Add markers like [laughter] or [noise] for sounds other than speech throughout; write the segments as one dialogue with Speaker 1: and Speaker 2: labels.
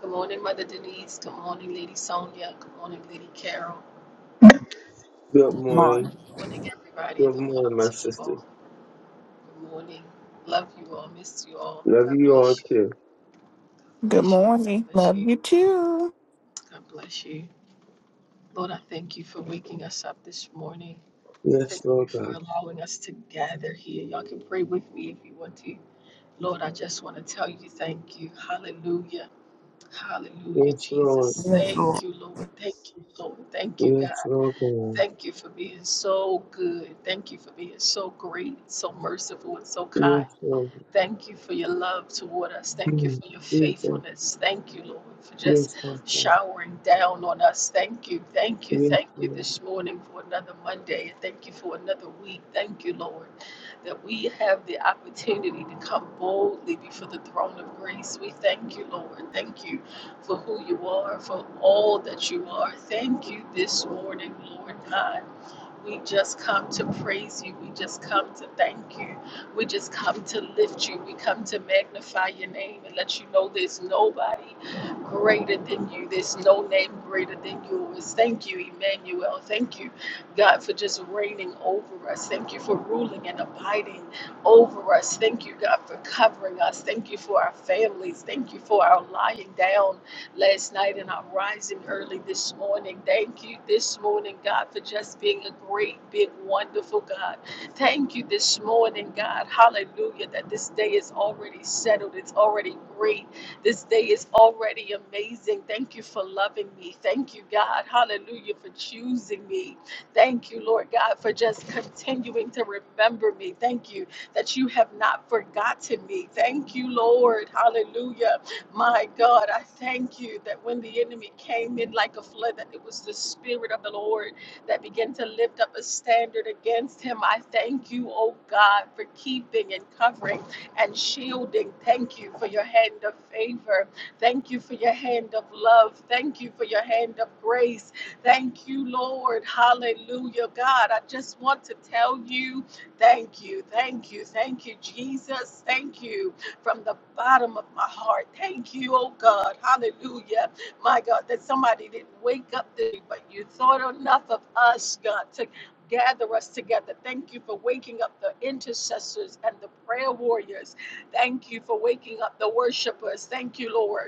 Speaker 1: Good morning, Mother Denise. Good morning, Lady Sonia. Good morning, Lady Carol.
Speaker 2: Good
Speaker 3: morning.
Speaker 2: morning.
Speaker 1: Good morning, everybody.
Speaker 2: Good
Speaker 1: Good morning
Speaker 2: morning, my
Speaker 1: to you
Speaker 2: sister.
Speaker 1: all. Good morning. Love you all. Miss you all.
Speaker 2: Love
Speaker 1: God
Speaker 2: you all
Speaker 1: bless you.
Speaker 2: too.
Speaker 4: Good
Speaker 1: Bless you. God
Speaker 4: morning.
Speaker 1: bless you.
Speaker 4: Love you too.
Speaker 1: God bless you. Lord, I thank you for waking us up this morning.
Speaker 2: Yes,
Speaker 1: Thank
Speaker 2: Lord
Speaker 1: you for
Speaker 2: God.
Speaker 1: allowing us to gather here. Y'all can pray with me if you want to. Lord, I just want to tell you thank you. Hallelujah. Hallelujah,
Speaker 2: Yes, Lord.
Speaker 1: Jesus.
Speaker 3: Yes, Lord.
Speaker 1: Thank you, Lord. Thank you, Lord. Thank you, God.
Speaker 2: Yes, Lord God.
Speaker 1: Thank you for being so good. Thank you for being so great, so merciful, and so kind.
Speaker 2: Yes, Lord.
Speaker 1: Thank you for your love toward us. Thank you
Speaker 2: Mm.
Speaker 1: for your
Speaker 2: Jesus.
Speaker 1: faithfulness. Thank you, Lord, for just
Speaker 2: Yes, Lord God.
Speaker 1: showering down on us. Thank you, thank you,
Speaker 2: Yes,
Speaker 1: thank you
Speaker 2: Lord.
Speaker 1: this morning for another Monday. Thank you for another week. Thank you, Lord, that we have the opportunity to come boldly before the throne of grace. We thank you, Lord. Thank you for who you are, for all that you are. Thank you this morning, Lord God. We just come to praise you. We just come to thank you. We just come to lift you. We come to magnify your name and let you know there's nobody greater than you. There's no name greater than yours. Thank you, Emmanuel. Thank you, God, for just reigning over us. Thank you for ruling and abiding over us. Thank you, God, for covering us. Thank you for our families. Thank you for our lying down last night and I'm rising early this morning. Thank you this morning, God, for just being a great, big, wonderful God. Thank you this morning, God. Hallelujah, that this day is already settled. It's already great. This day is already amazing. Thank you for loving me. Thank you, God. Hallelujah, for choosing me. Thank you, Lord God, for just continuing to remember me. Thank you that you have not forgotten me. Thank you, Lord. Hallelujah my God, I thank you that when the enemy came in like a flood, that it was the Spirit of the Lord that began to lift up a standard against him. I thank you, oh God, for keeping and covering and shielding. Thank you for your hand of favor. Thank you for your hand of love. Thank you for your hand of grace. Thank you, Lord. Hallelujah. God, I just want to tell you thank you. Thank you. Thank you, Jesus. Thank you from the bottom of my heart. Thank you, oh God. Hallelujah. My God, that somebody didn't wake up today, but you thought enough of us, God, to gather us together. Thank you for waking up the intercessors and the prayer warriors. Thank you for waking up the worshipers. Thank you, Lord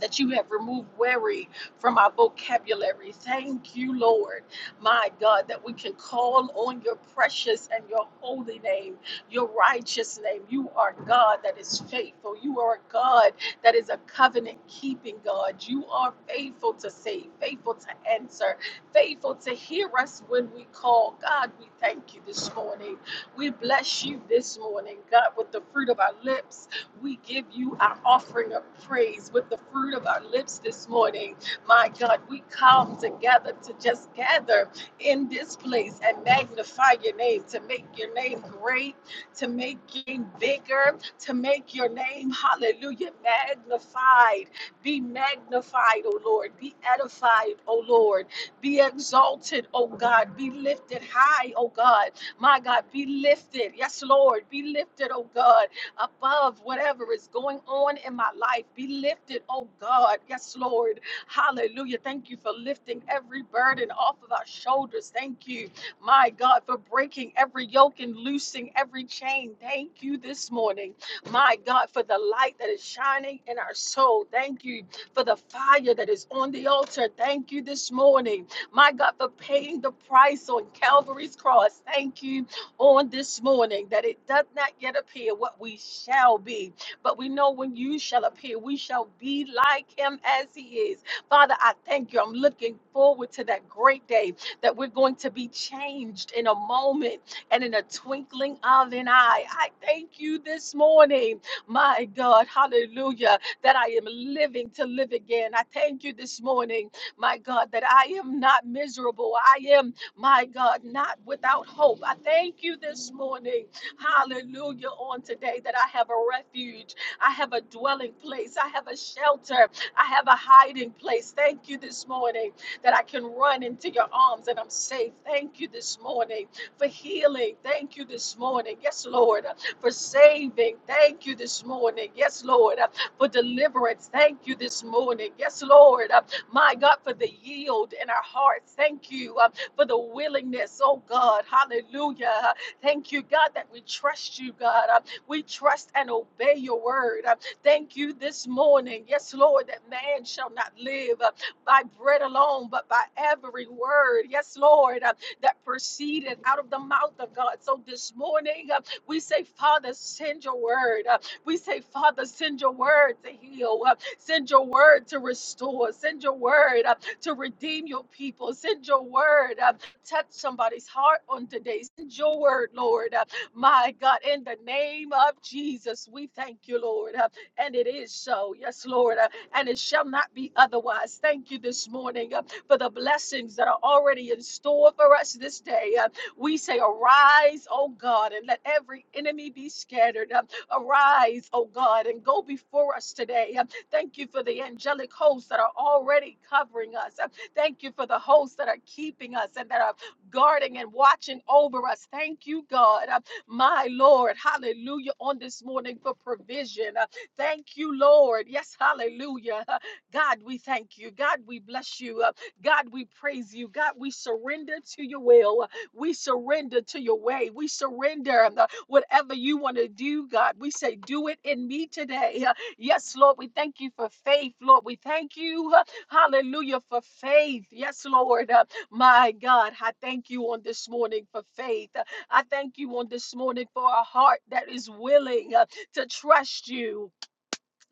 Speaker 1: that you have removed worry from our vocabulary. Thank you, Lord, my God, that we can call on your precious and your holy name, your righteous name. You are God that is faithful. You are a God that is a covenant keeping God. You are faithful to save, faithful to answer, faithful to hear us when we call. God, we thank you this morning. We bless you this morning, God, with the fruit of our lips. We give you our offering of praise with the fruit of our lips this morning. My God, we come together to just gather in this place and magnify your name, to make your name great, to make your name bigger, to make your name, hallelujah, magnified. Be magnified, O Lord. Be edified, O Lord. Be exalted, O God. Be lifted high, O God. My God, be lifted. Yes, Lord. Be lifted, O God above whatever is going on in my life. Be lifted, oh God. Yes, Lord. Hallelujah. Thank you for lifting every burden off of our shoulders. Thank you, my God, for breaking every yoke and loosing every chain. Thank you this morning, my God, for the light that is shining in our soul. Thank you for the fire that is on the altar. Thank you this morning, my God, for paying the price on Calvary's cross. Thank you on this morning that it does not yet appear what we shall be, but we know when you shall appear, we shall be like him as he is. Father, I thank you. I'm looking forward to that great day that we're going to be changed in a moment and in a twinkling of an eye. I thank you this morning, my God, hallelujah, that I am living to live again. I thank you this morning, my God, that I am not miserable. I am my God, not without hope. I thank you this morning, hallelujah, on today that I have a refuge, I have a dwelling place, I have a shelter, I have a hiding place. Thank you this morning that I can run into your arms and I'm safe. Thank you this morning for healing. Thank you this morning, yes, Lord, for saving. Thank you this morning, yes, Lord, for deliverance. Thank you this morning, yes, Lord, my God, for the yield in our hearts. Thank you for the willingness, oh God. Hallelujah. Thank you, God, that we trust you, God. Uh, We trust and obey your word. Uh, Thank you this morning. Yes, Lord, that man shall not live uh, by bread alone, but by every word. Yes, Lord, uh, that proceeded out of the mouth of God. So this morning, uh, we say, Father, send your word. Uh, We say, Father, send your word to heal. Uh, Send your word to restore. Send your word. uh, to redeem your people. Send your word. uh, touch somebody's heart on today. Send your word, Lord. Uh, my God, in the name of Jesus, we thank you, Lord. Uh, and it is so. Yes, Lord. Uh, and it shall not be otherwise. Thank you this morning uh, for the blessings that are already in store for us this day. Uh, we say, Arise, O God, and let every enemy be scattered. Uh, arise, O God, and go before us today. Uh, Thank you for the angelic hosts that are already covering us. Thank you for the hosts that are keeping us and that are guarding and watching over us. Thank you, God. Uh, My Lord, hallelujah, on this morning for provision. Uh, Thank you, Lord. Yes, hallelujah. Uh, God, we thank you. God, we bless you. Uh, God, we praise you. God, we surrender to your will. Uh, We surrender to your way. We surrender um, uh, whatever you want to do, God. We say, do it in me today. Uh, Yes, Lord, we thank you for faith, Lord. We thank you, uh, hallelujah, for faith. Yes, Lord. Uh, My God, I thank you on this morning for faith. Uh, I thank you on this morning for a heart that is willing uh, to trust you.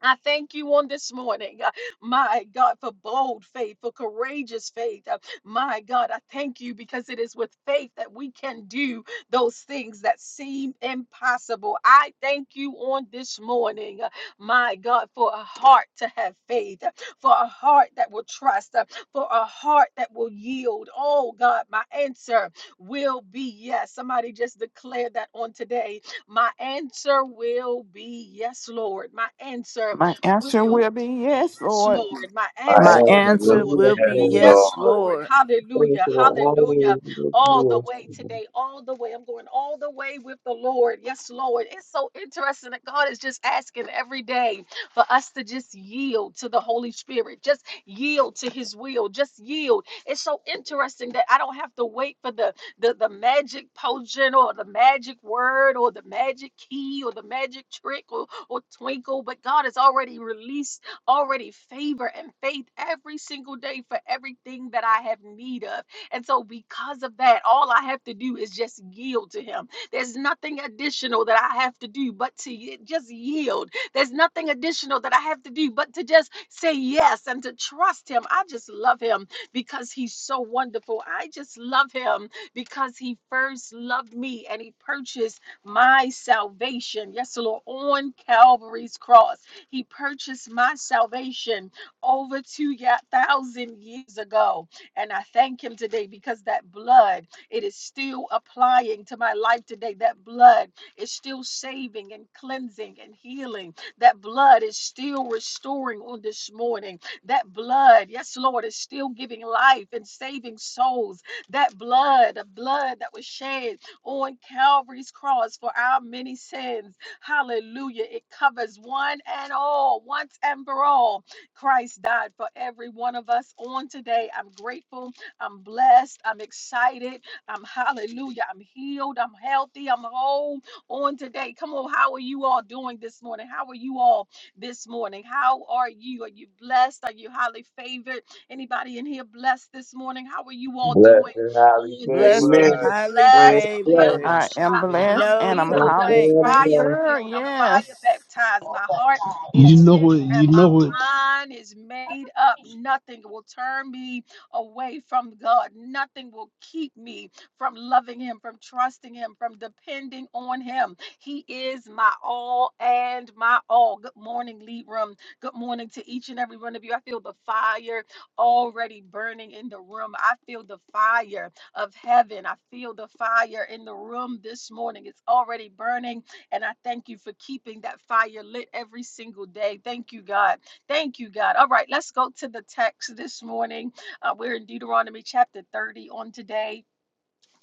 Speaker 1: I thank you on this morning, uh, my God, for bold faith, for courageous faith. Uh, my God, I thank you because it is with faith that we can do those things that seem impossible. I thank you on this morning, uh, my God, for a heart to have faith, uh, for a heart that will trust, uh, for a heart that will yield. Oh, God, my answer will be yes. Somebody just declare that on today my answer will be yes, Lord. My answer
Speaker 4: My answer will
Speaker 1: will
Speaker 4: be
Speaker 1: be
Speaker 4: yes,
Speaker 1: yes,
Speaker 4: Lord.
Speaker 1: Lord. My
Speaker 5: My
Speaker 1: answer
Speaker 6: My
Speaker 5: answer
Speaker 2: Thank
Speaker 5: will
Speaker 2: you,
Speaker 6: answer
Speaker 1: will
Speaker 5: be
Speaker 2: yes,
Speaker 6: will be
Speaker 5: yes,
Speaker 1: be
Speaker 2: Lord.
Speaker 1: yes,
Speaker 6: yes,
Speaker 5: Lord.
Speaker 1: Lord.
Speaker 6: Lord.
Speaker 2: Thank you
Speaker 1: Hallelujah. Hallelujah.
Speaker 2: always with
Speaker 1: All the
Speaker 2: you,
Speaker 1: way
Speaker 2: yes, Lord.
Speaker 1: today, all the way. I'm going all the way with the Lord. Yes, Lord. It's so interesting that God is just asking every day for us to just yield to the Holy Spirit, just yield to His will, just yield. It's so interesting that I don't have to wait for the the, the magic potion or the magic word or the magic key or the magic trick or, or twinkle, but God has already released already favor and faith every single day for everything that I have need of. And so because of that, all I have to do is just yield to him. There's nothing additional that I have to do but to y- just yield. There's nothing additional that I have to do but to just say yes and to trust him. I just love him because he's so wonderful. I just love him because he first loved me and he purchased my salvation. Yes, Lord, on Calvary's cross, he purchased my salvation over 2,000 years ago. And I thank him today because that blood, it is still applying to my life today. That blood is still saving and cleansing and healing. That blood is still restoring on this morning. That blood, yes, Lord, is still giving life and saving souls that blood, the blood that was shed on Calvary's cross for our many sins. Hallelujah. It covers one and all, once and for all. Christ died for every one of us on today. I'm grateful. I'm blessed. I'm excited. I'm hallelujah. I'm healed. I'm healthy. I'm whole on today. Come on. How are you all doing this morning? How are you all this morning? How are you? Are you blessed? Are you highly favored? Anybody in here blessed this morning? How are you all doing?
Speaker 5: Blessed and highly
Speaker 1: on this
Speaker 6: Blessed and
Speaker 5: favored.
Speaker 1: morning.
Speaker 2: Amen.
Speaker 6: highly
Speaker 2: I am
Speaker 1: Blessed. I'm
Speaker 2: blessed.
Speaker 1: happy.
Speaker 6: favored.
Speaker 4: I am blessed
Speaker 1: I'm
Speaker 6: No
Speaker 4: and I'm
Speaker 2: I
Speaker 1: filled. I'm
Speaker 4: highly
Speaker 6: complaint.
Speaker 2: am
Speaker 1: fire
Speaker 2: blessed.
Speaker 4: favored.
Speaker 1: filled. I'm fire
Speaker 4: Yes.
Speaker 1: baptized. My heart is
Speaker 7: You know
Speaker 1: fixed
Speaker 7: it.
Speaker 1: and
Speaker 7: You
Speaker 1: my
Speaker 7: know it.
Speaker 1: mind is made up. Nothing will turn me away from God. Nothing will keep me from loving Him, from trusting Him, from depending on Him. He is my all and my all. Good morning, Lead Room. Good morning to each and every one of you. I feel the fire already burning in the room. I feel the fire of heaven. I feel the fire in the room this morning. It's already burning, and I thank you for keeping that fire lit every single day. Thank you, God. Thank you, God. All right, let's go to the text this morning. Uh, we're in Deuteronomy chapter 30 on today.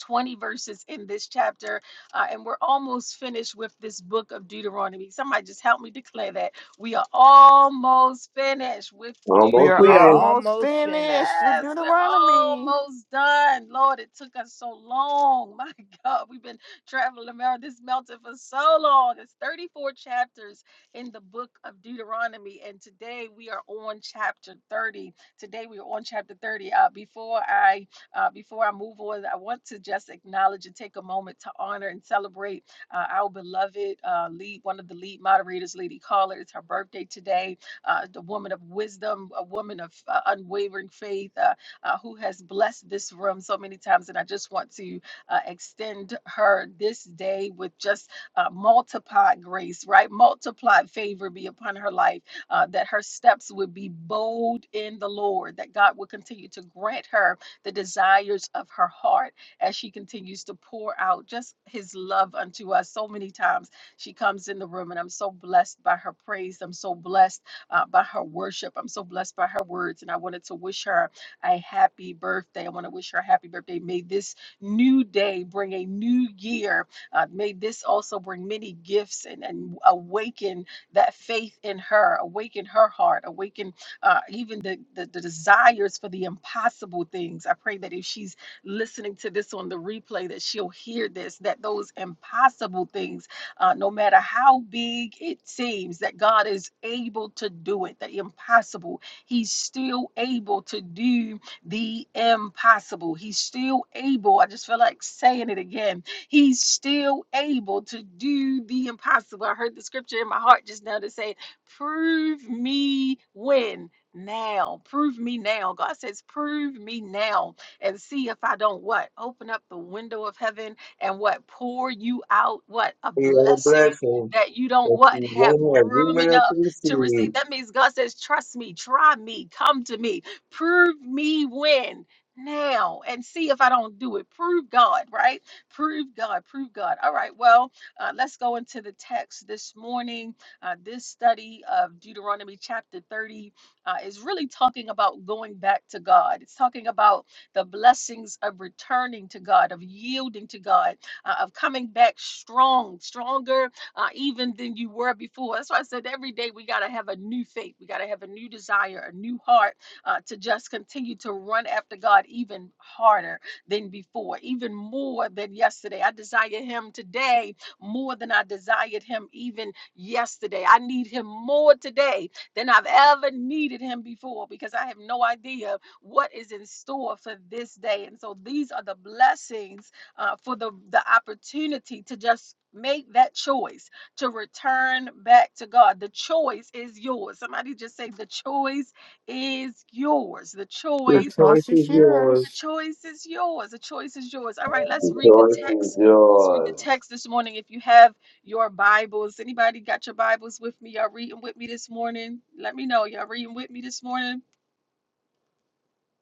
Speaker 1: 20 verses in this chapter, uh, and we're almost finished with this book of Deuteronomy. Somebody just help me declare that we are almost finished with
Speaker 4: We
Speaker 2: Almost
Speaker 4: are
Speaker 6: We are
Speaker 2: finished.
Speaker 1: Deuteronomy.
Speaker 4: almost
Speaker 6: almost
Speaker 4: finished
Speaker 6: finished.
Speaker 4: with
Speaker 1: Yes, we're
Speaker 4: Deuteronomy.
Speaker 1: almost done. Lord, it took us so long. [laughs] My God, we've been traveling around this mountain for so long. It's 34 chapters in the book of Deuteronomy, and today we are on chapter 30. Today we are on chapter 30. Uh, before I uh, before I move on, I want to just acknowledge and take a moment to honor and celebrate uh, our beloved uh, lead, one of the lead moderators, Lady Caller. It's her birthday today uh, the woman of wisdom, a woman of uh, unwavering faith uh, uh, who has blessed this room so many times. And I just want to uh, extend her this day with just uh, multiplied grace, right? Multiplied favor be upon her life, uh, that her steps would be bold in the Lord, that God would continue to grant her the desires of her heart as she continues to pour out just his love unto us so many times she comes in the room and i'm so blessed by her praise i'm so blessed uh, by her worship. I'm so blessed by her words, and I wanted to wish her a happy birthday. I want to wish her a happy birthday. May this new day bring a new year. Uh, may this also bring many gifts and, and awaken that faith in her, awaken her heart, awaken uh, even the, the, the desires for the impossible things. I pray that if she's listening to this on the replay, that she'll hear this, that those impossible things uh, no matter how big it seems that God is able to do it, the impossible, He's still able to do the impossible. He's still able, I just feel like saying it again, He's still able to do the impossible. I heard the scripture in my heart just now to say, Prove me when. Now, prove me now. God says, Prove me now and see if I don't what? Open up the window of heaven and what pour you out what a
Speaker 2: We are a
Speaker 1: blessing
Speaker 2: blessing.
Speaker 1: that you don't
Speaker 2: That
Speaker 1: what
Speaker 2: you
Speaker 1: have
Speaker 2: won't have room
Speaker 1: room
Speaker 2: enough to
Speaker 1: enough to receive.
Speaker 2: receive.
Speaker 1: That means God says, trust me, try me, come to me, prove me when now and see if I don't do it. Prove God, right? Prove God, prove God. All right, well, uh, let's go into the text this morning. Uh, this study of Deuteronomy chapter 30 uh, is really talking about going back to God. It's talking about the blessings of returning to God, of yielding to God, uh, of coming back strong, stronger uh, even than you were before. That's why I said every day we got to have a new faith, we got to have a new desire, a new heart uh, to just continue to run after God even harder than before, even more than yesterday. I desire Him today more than I desired Him even yesterday. I need Him more today than I've ever needed Him before because I have no idea what is in store for this day. And so these are the blessings uh, for the, the opportunity to just make that choice to return back to God. The choice is yours. Somebody just say, The choice is yours. The
Speaker 4: The
Speaker 2: This
Speaker 1: choice,
Speaker 2: choice
Speaker 4: choice is
Speaker 2: is yours.
Speaker 1: the
Speaker 4: yours.
Speaker 1: choice is yours. The choice is yours. All right,
Speaker 5: The
Speaker 1: let's read the
Speaker 5: choice is
Speaker 1: text. Let's read the
Speaker 5: yours.
Speaker 1: text this morning. If you have your Bibles, anybody got your Bibles with me? Y'all reading with me this morning? Let me know. Y'all reading with me this morning?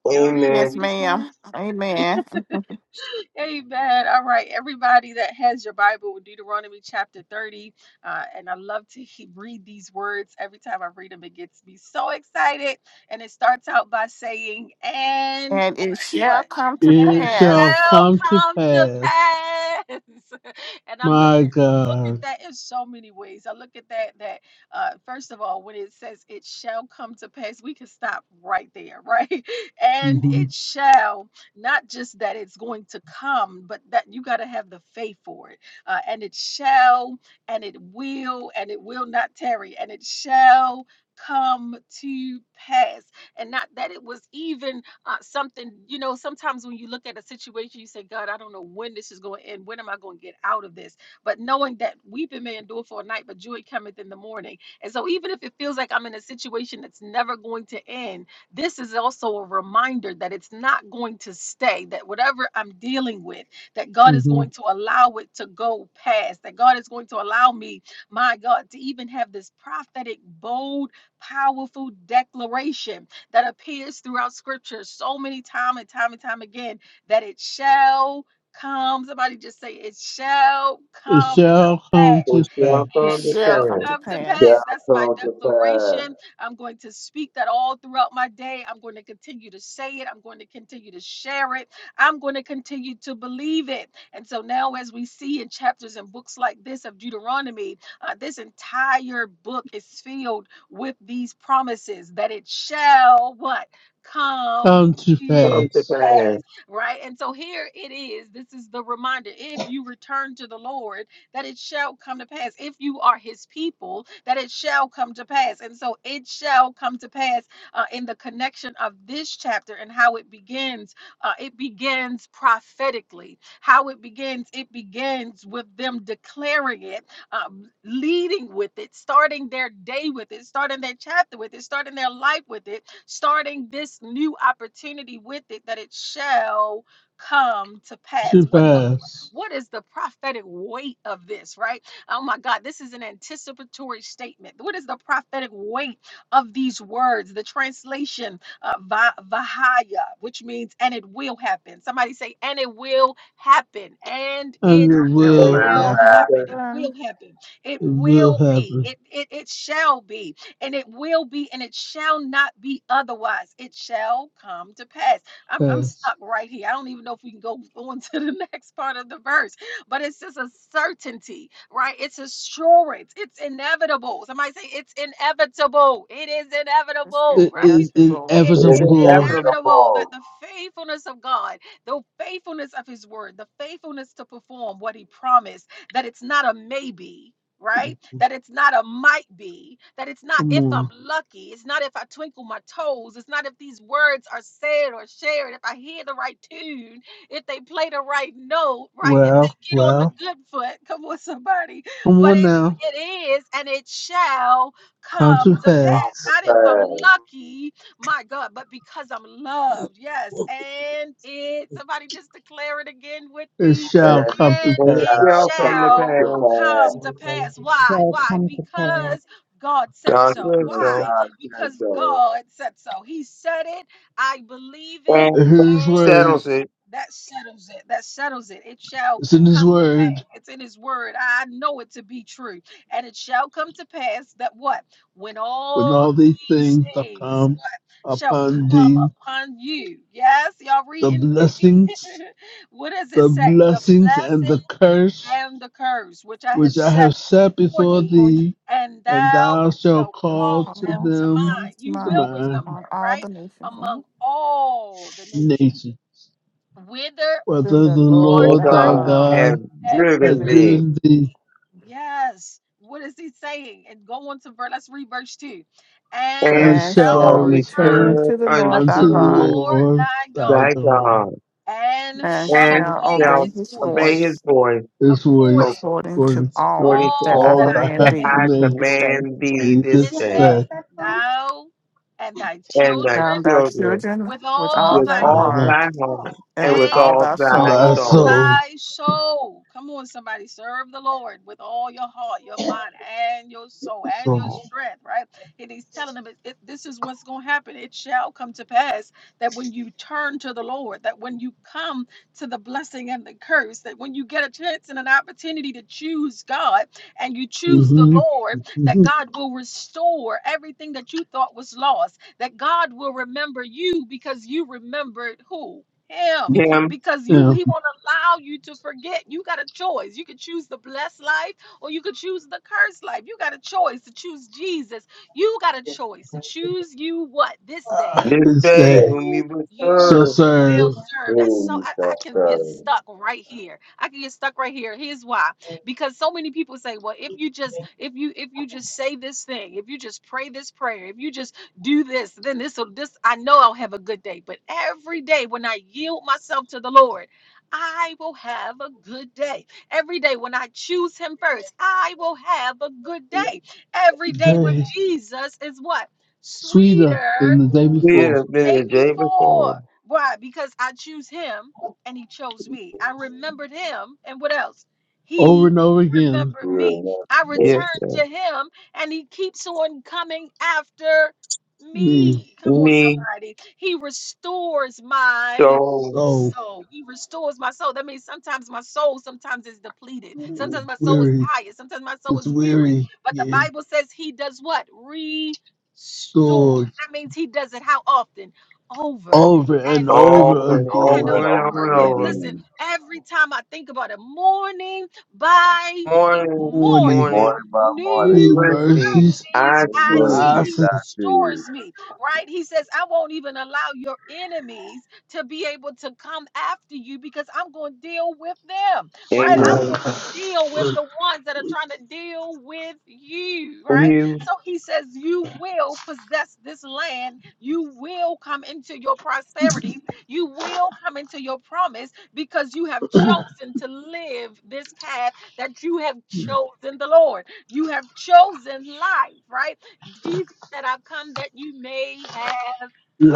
Speaker 1: Y'all reading with
Speaker 2: Amen.
Speaker 4: Yes,
Speaker 1: me this
Speaker 4: ma'am.
Speaker 1: morning?
Speaker 4: Amen.
Speaker 1: Amen. All right, everybody that has your Bible, with Deuteronomy chapter 30. Uh, and I love to he- read these words. Every time I read them, it gets me so excited. And it starts out by saying, And
Speaker 4: And it shall
Speaker 1: what?
Speaker 4: come to
Speaker 1: And
Speaker 7: It
Speaker 1: it
Speaker 7: shall
Speaker 4: pass.
Speaker 1: shall
Speaker 7: come to
Speaker 1: come to
Speaker 7: pass.
Speaker 1: pass. [laughs] and I look
Speaker 7: My
Speaker 1: look at
Speaker 7: God.
Speaker 1: that in so many ways. I look at that that uh first of all, when it says it shall come to pass, we can stop right there, right? [laughs] And
Speaker 7: hmm
Speaker 1: it shall. Not just that it's going to come, but that you got to have the faith for it. Uh, and it shall, and it will, and it will not tarry, and it shall come to pass and not that it was even uh, something you know sometimes when you look at a situation you say god i don't know when this is going to end when am i going to get out of this but knowing that weeping may endure for a night but joy cometh in the morning and so even if it feels like i'm in a situation that's never going to end this is also a reminder that it's not going to stay, that whatever I'm dealing with, that God is
Speaker 7: hmm
Speaker 1: going to allow it to go past, that God is going to allow me, my God, to even have this prophetic, bold, powerful declaration that appears throughout scripture so many time and time and time again that it shall come. Somebody just say, It shall
Speaker 7: It
Speaker 1: come to
Speaker 7: shall
Speaker 1: pass.
Speaker 7: come to
Speaker 2: It
Speaker 7: pass.
Speaker 2: shall
Speaker 4: It
Speaker 2: come
Speaker 1: It
Speaker 2: to
Speaker 4: shall
Speaker 1: shall
Speaker 4: come
Speaker 2: pass.
Speaker 4: to
Speaker 1: come to pass.
Speaker 5: Shall
Speaker 4: pass.
Speaker 1: That's my
Speaker 5: come to
Speaker 1: declaration
Speaker 5: pass.
Speaker 1: I'm going to speak that all throughout my day. I'm going to continue to say it. I'm going to continue to share it. I'm going to continue to believe it. And so now, as we see in chapters and books like this of Deuteronomy, uh, this entire book is filled with these promises that it shall what? Come
Speaker 7: Come to
Speaker 1: to
Speaker 2: Come to
Speaker 7: pass.
Speaker 1: pass,
Speaker 2: pass.
Speaker 1: right? And so here it is. This is the reminder. If you return to the Lord, that it shall come to pass. If you are his people, that it shall come to pass. And so it shall come to pass uh, in the connection of this chapter and how it begins. Uh, it begins prophetically. How it begins, it begins with them declaring it, um, leading with it, starting their day with it, starting their chapter with it, starting their life with it, starting this new opportunity with it, that it shall come to pass.
Speaker 7: To
Speaker 1: What the
Speaker 7: pass.
Speaker 1: what is the prophetic weight of this, right? Oh my God, this is an anticipatory statement. What is the prophetic weight of these words? The translation, uh, va- Vahaya, which means and it will happen. Somebody say, and it will happen. And
Speaker 7: And
Speaker 1: it
Speaker 7: it
Speaker 5: And
Speaker 4: And
Speaker 2: They
Speaker 4: it
Speaker 7: will
Speaker 2: will
Speaker 5: well,
Speaker 1: will
Speaker 4: will
Speaker 7: happen.
Speaker 5: after
Speaker 1: happen.
Speaker 2: say,
Speaker 1: It
Speaker 4: happen.
Speaker 1: will happen. It
Speaker 7: It will
Speaker 1: will be.
Speaker 7: happen.
Speaker 1: It, it, it shall be. And it will be. And it shall not be otherwise. It shall come to pass. I'm, I'm
Speaker 7: Pass.
Speaker 1: stuck right here. I don't even know if we can go [laughs] on to the next part of the verse, but it's just a certainty, right? It's assurance. It's inevitable. Somebody say it's inevitable. It is
Speaker 4: It's
Speaker 1: inevitable, [laughs]
Speaker 7: It
Speaker 1: right?
Speaker 7: is
Speaker 4: inevitable.
Speaker 1: It
Speaker 2: It's
Speaker 5: it's
Speaker 1: is
Speaker 7: inevitable.
Speaker 2: inevitable.
Speaker 1: inevitable that
Speaker 5: inevitable.
Speaker 1: the faithfulness of God, the faithfulness of His word, the faithfulness to perform what He promised, that it's not a maybe right? That it's not a might be, that it's not
Speaker 7: Come
Speaker 1: if I'm
Speaker 7: on.
Speaker 1: lucky, it's not if I twinkle my toes, it's not if these words are said or shared, if I hear the right tune, if they play the right note, right? If
Speaker 7: Well,
Speaker 1: they get on the
Speaker 7: well.
Speaker 1: good foot, come on, somebody.
Speaker 7: Come
Speaker 1: But
Speaker 7: on
Speaker 1: it
Speaker 7: now.
Speaker 1: it is and it shall
Speaker 7: Come
Speaker 1: come
Speaker 7: to
Speaker 1: to pass.
Speaker 5: Come to
Speaker 7: pass.
Speaker 1: Not if I'm
Speaker 5: pass.
Speaker 1: lucky, my God, but because I'm loved. Yes. And it, somebody just declare it again with
Speaker 7: It
Speaker 1: me
Speaker 7: shall
Speaker 5: And
Speaker 7: come
Speaker 5: it
Speaker 7: to
Speaker 1: and
Speaker 2: And it
Speaker 1: it
Speaker 7: pass.
Speaker 2: shall
Speaker 5: shall
Speaker 2: come to
Speaker 5: come
Speaker 1: shall
Speaker 5: to
Speaker 2: pass.
Speaker 1: come to
Speaker 5: pass.
Speaker 1: pass. Why?
Speaker 8: shall
Speaker 1: Why?
Speaker 8: come to pass.
Speaker 1: Because God said
Speaker 2: God
Speaker 1: so.
Speaker 2: says
Speaker 5: Because
Speaker 1: Why?
Speaker 2: so.
Speaker 5: God said
Speaker 1: Because
Speaker 5: so.
Speaker 1: God said so. He said it. I believe it.
Speaker 2: And
Speaker 7: It's His
Speaker 1: And
Speaker 7: word.
Speaker 2: settles it.
Speaker 1: that settles it. That settles it. It shall
Speaker 7: It's in His
Speaker 1: come to
Speaker 7: word.
Speaker 1: pass. It's in His word. I know it to be true. And it shall come to pass that what? When
Speaker 7: When
Speaker 1: all
Speaker 7: all these
Speaker 1: these
Speaker 7: things are
Speaker 1: things,
Speaker 7: come
Speaker 1: what? Shall
Speaker 7: upon
Speaker 1: come
Speaker 7: thee,
Speaker 1: upon you. Yes? Y'all
Speaker 7: the
Speaker 1: reading with me?
Speaker 7: blessings,
Speaker 1: [laughs] What does it
Speaker 7: the
Speaker 1: say? The
Speaker 7: blessings and
Speaker 1: blessing
Speaker 7: the curse
Speaker 1: and the curves which I have
Speaker 7: which I
Speaker 1: set
Speaker 7: have set
Speaker 1: before
Speaker 7: before
Speaker 1: thee,
Speaker 4: Before you,
Speaker 7: thee,
Speaker 1: and
Speaker 7: and
Speaker 1: thou
Speaker 7: thou shalt
Speaker 1: shalt
Speaker 4: it's
Speaker 7: call
Speaker 1: call
Speaker 7: to
Speaker 1: them
Speaker 4: all
Speaker 1: to
Speaker 7: them
Speaker 1: mind.
Speaker 4: it's
Speaker 1: You
Speaker 7: to
Speaker 1: will
Speaker 4: mine. It's
Speaker 7: my
Speaker 1: remember,
Speaker 4: on all the
Speaker 1: right?
Speaker 4: nations. Mm-hmm.
Speaker 1: Among all the nations,
Speaker 7: nation.
Speaker 1: whither
Speaker 4: to
Speaker 7: Whether
Speaker 4: the
Speaker 7: the
Speaker 1: Lord
Speaker 4: Lord
Speaker 2: That
Speaker 7: Lord
Speaker 4: thy
Speaker 7: thy
Speaker 1: thy
Speaker 2: God
Speaker 4: God
Speaker 1: God
Speaker 2: have
Speaker 7: God
Speaker 4: and
Speaker 1: have
Speaker 2: driven
Speaker 7: hath
Speaker 4: driven thee,
Speaker 2: thee.
Speaker 1: driven
Speaker 7: driven thee,
Speaker 1: thee. Yes. What is he saying? And go on to verse, let's read verse 2. And
Speaker 2: And
Speaker 7: and
Speaker 4: and
Speaker 1: shall
Speaker 7: shall
Speaker 2: shall
Speaker 4: shall return
Speaker 7: return
Speaker 2: return
Speaker 1: return
Speaker 4: unto the Lord
Speaker 1: unto
Speaker 4: thy
Speaker 7: unto the
Speaker 1: the
Speaker 4: God,
Speaker 2: unto
Speaker 1: Lord
Speaker 7: Lord
Speaker 1: thy
Speaker 7: thy
Speaker 2: thy
Speaker 1: God,
Speaker 7: God
Speaker 2: God.
Speaker 1: and
Speaker 4: and
Speaker 1: shall
Speaker 2: And
Speaker 4: shall
Speaker 1: obey
Speaker 4: obey
Speaker 2: shall
Speaker 1: his
Speaker 4: his
Speaker 2: obey
Speaker 1: voice
Speaker 2: his
Speaker 4: voice
Speaker 2: voice
Speaker 7: his
Speaker 1: according
Speaker 7: voice
Speaker 4: according to
Speaker 7: for
Speaker 1: to
Speaker 4: all
Speaker 2: according to
Speaker 4: that
Speaker 1: all
Speaker 4: I
Speaker 7: all
Speaker 1: that
Speaker 2: all
Speaker 1: I
Speaker 7: that I
Speaker 4: command
Speaker 2: that
Speaker 7: have
Speaker 4: thee
Speaker 1: command
Speaker 2: I
Speaker 1: thee
Speaker 7: commanded
Speaker 4: this day.
Speaker 2: command thee
Speaker 7: thee
Speaker 2: this
Speaker 1: this
Speaker 7: this
Speaker 2: day.
Speaker 7: day.
Speaker 1: day, thou and thy
Speaker 2: And thy
Speaker 1: children,
Speaker 4: Found thy
Speaker 2: children
Speaker 4: children
Speaker 1: with
Speaker 4: with
Speaker 1: all
Speaker 4: all
Speaker 2: with
Speaker 1: thy
Speaker 4: thy
Speaker 7: Oh,
Speaker 2: all
Speaker 7: that,
Speaker 4: heart
Speaker 2: thy heart
Speaker 4: and
Speaker 2: and
Speaker 4: with
Speaker 2: with
Speaker 1: and
Speaker 4: all
Speaker 2: all
Speaker 4: thy
Speaker 2: thy
Speaker 4: soul.
Speaker 7: that's
Speaker 1: all
Speaker 2: soul.
Speaker 7: so,
Speaker 1: thy soul. Come on, somebody, serve the Lord with all your heart, your mind, and your soul, and your
Speaker 7: so.
Speaker 1: strength, right? And he's telling them, it, it- This is what's going to happen. It shall come to pass that when you turn to the Lord, that when you come to the blessing and the curse, that when you get a chance and an opportunity to choose God and you choose the
Speaker 7: hmm
Speaker 1: Lord, that
Speaker 7: hmm
Speaker 1: God will restore everything that you thought was lost, that God will remember you because you remembered who? him
Speaker 2: him
Speaker 1: because you
Speaker 7: Yeah,
Speaker 1: he won't allow you to forget. You got a choice. You could choose the blessed life or you could choose the cursed life. You got a choice to choose Jesus. You got a choice to choose you what this day
Speaker 2: this
Speaker 7: this
Speaker 2: day
Speaker 7: day
Speaker 5: And
Speaker 2: whom
Speaker 1: who
Speaker 2: you would
Speaker 7: shall
Speaker 1: you
Speaker 2: serve.
Speaker 1: will
Speaker 7: serve
Speaker 1: serve. That's so
Speaker 5: who
Speaker 1: I, I
Speaker 5: shall
Speaker 1: can get
Speaker 5: serve?
Speaker 1: stuck right here. I can get stuck right here. Here's why. Because so many people say, well, if you just if you if you just say this thing, if you just pray this prayer, if you just do this, then this will this I know I'll have a good day. But every day when I yield myself to the Lord, I will have a good day. Every day when I choose him first, I will have a good day. Every
Speaker 7: the
Speaker 1: day with
Speaker 7: day
Speaker 1: Jesus is what?
Speaker 7: sweeter
Speaker 1: Sweeter
Speaker 7: than the day
Speaker 2: We
Speaker 1: and
Speaker 7: before.
Speaker 1: the
Speaker 2: have been the
Speaker 1: day
Speaker 2: day
Speaker 1: before,
Speaker 2: before.
Speaker 1: Why? Because I choose him and he chose me. I remembered him and what else?
Speaker 7: Over
Speaker 1: He
Speaker 7: and over again,
Speaker 1: remembered
Speaker 5: We
Speaker 1: me.
Speaker 5: will
Speaker 1: I
Speaker 5: never live
Speaker 2: Yes,
Speaker 1: returned
Speaker 2: sir.
Speaker 1: to him and he keeps on coming after
Speaker 7: me
Speaker 1: me. Come on,
Speaker 2: Me,
Speaker 1: somebody. He restores my
Speaker 2: stone,
Speaker 7: so
Speaker 1: soul. He restores my soul. That means sometimes my soul sometimes is depleted. Sometimes my soul is
Speaker 7: weary.
Speaker 1: tired. Sometimes my soul
Speaker 7: It's
Speaker 1: is weary.
Speaker 7: weary.
Speaker 1: But the
Speaker 7: Yeah,
Speaker 1: Bible says he does what? Restore.
Speaker 7: stores
Speaker 1: That means he does it how often? Over
Speaker 7: over and
Speaker 1: and
Speaker 7: over
Speaker 2: over
Speaker 1: over
Speaker 2: and
Speaker 1: and
Speaker 5: over
Speaker 7: again.
Speaker 5: and
Speaker 2: over and over
Speaker 1: over
Speaker 5: over and over
Speaker 2: and
Speaker 1: again.
Speaker 2: over.
Speaker 1: Listen,
Speaker 5: again.
Speaker 1: every time I think about it, morning by
Speaker 2: Morning,
Speaker 1: morning,
Speaker 7: Morning,
Speaker 2: morning.
Speaker 5: Morning by
Speaker 2: New
Speaker 5: morning,
Speaker 7: new
Speaker 1: new
Speaker 2: mercies,
Speaker 7: mercies
Speaker 2: I
Speaker 1: mercies
Speaker 5: new
Speaker 1: I
Speaker 2: too.
Speaker 1: see.
Speaker 7: I
Speaker 5: mercies
Speaker 1: He
Speaker 7: see.
Speaker 5: I see.
Speaker 1: restores me, right? He says, I won't even allow your enemies to be able to come after you because I'm going to deal with them, right? I'm going
Speaker 2: Amen.
Speaker 1: to
Speaker 7: I
Speaker 1: deal with the ones that are trying to deal with you, right?
Speaker 2: New
Speaker 1: So he says, You will possess this land. You will come into your prosperity. You will come into your promise because you have chosen to live this path that you have chosen the Lord. You have chosen life, right? Jesus said, I've come that you may have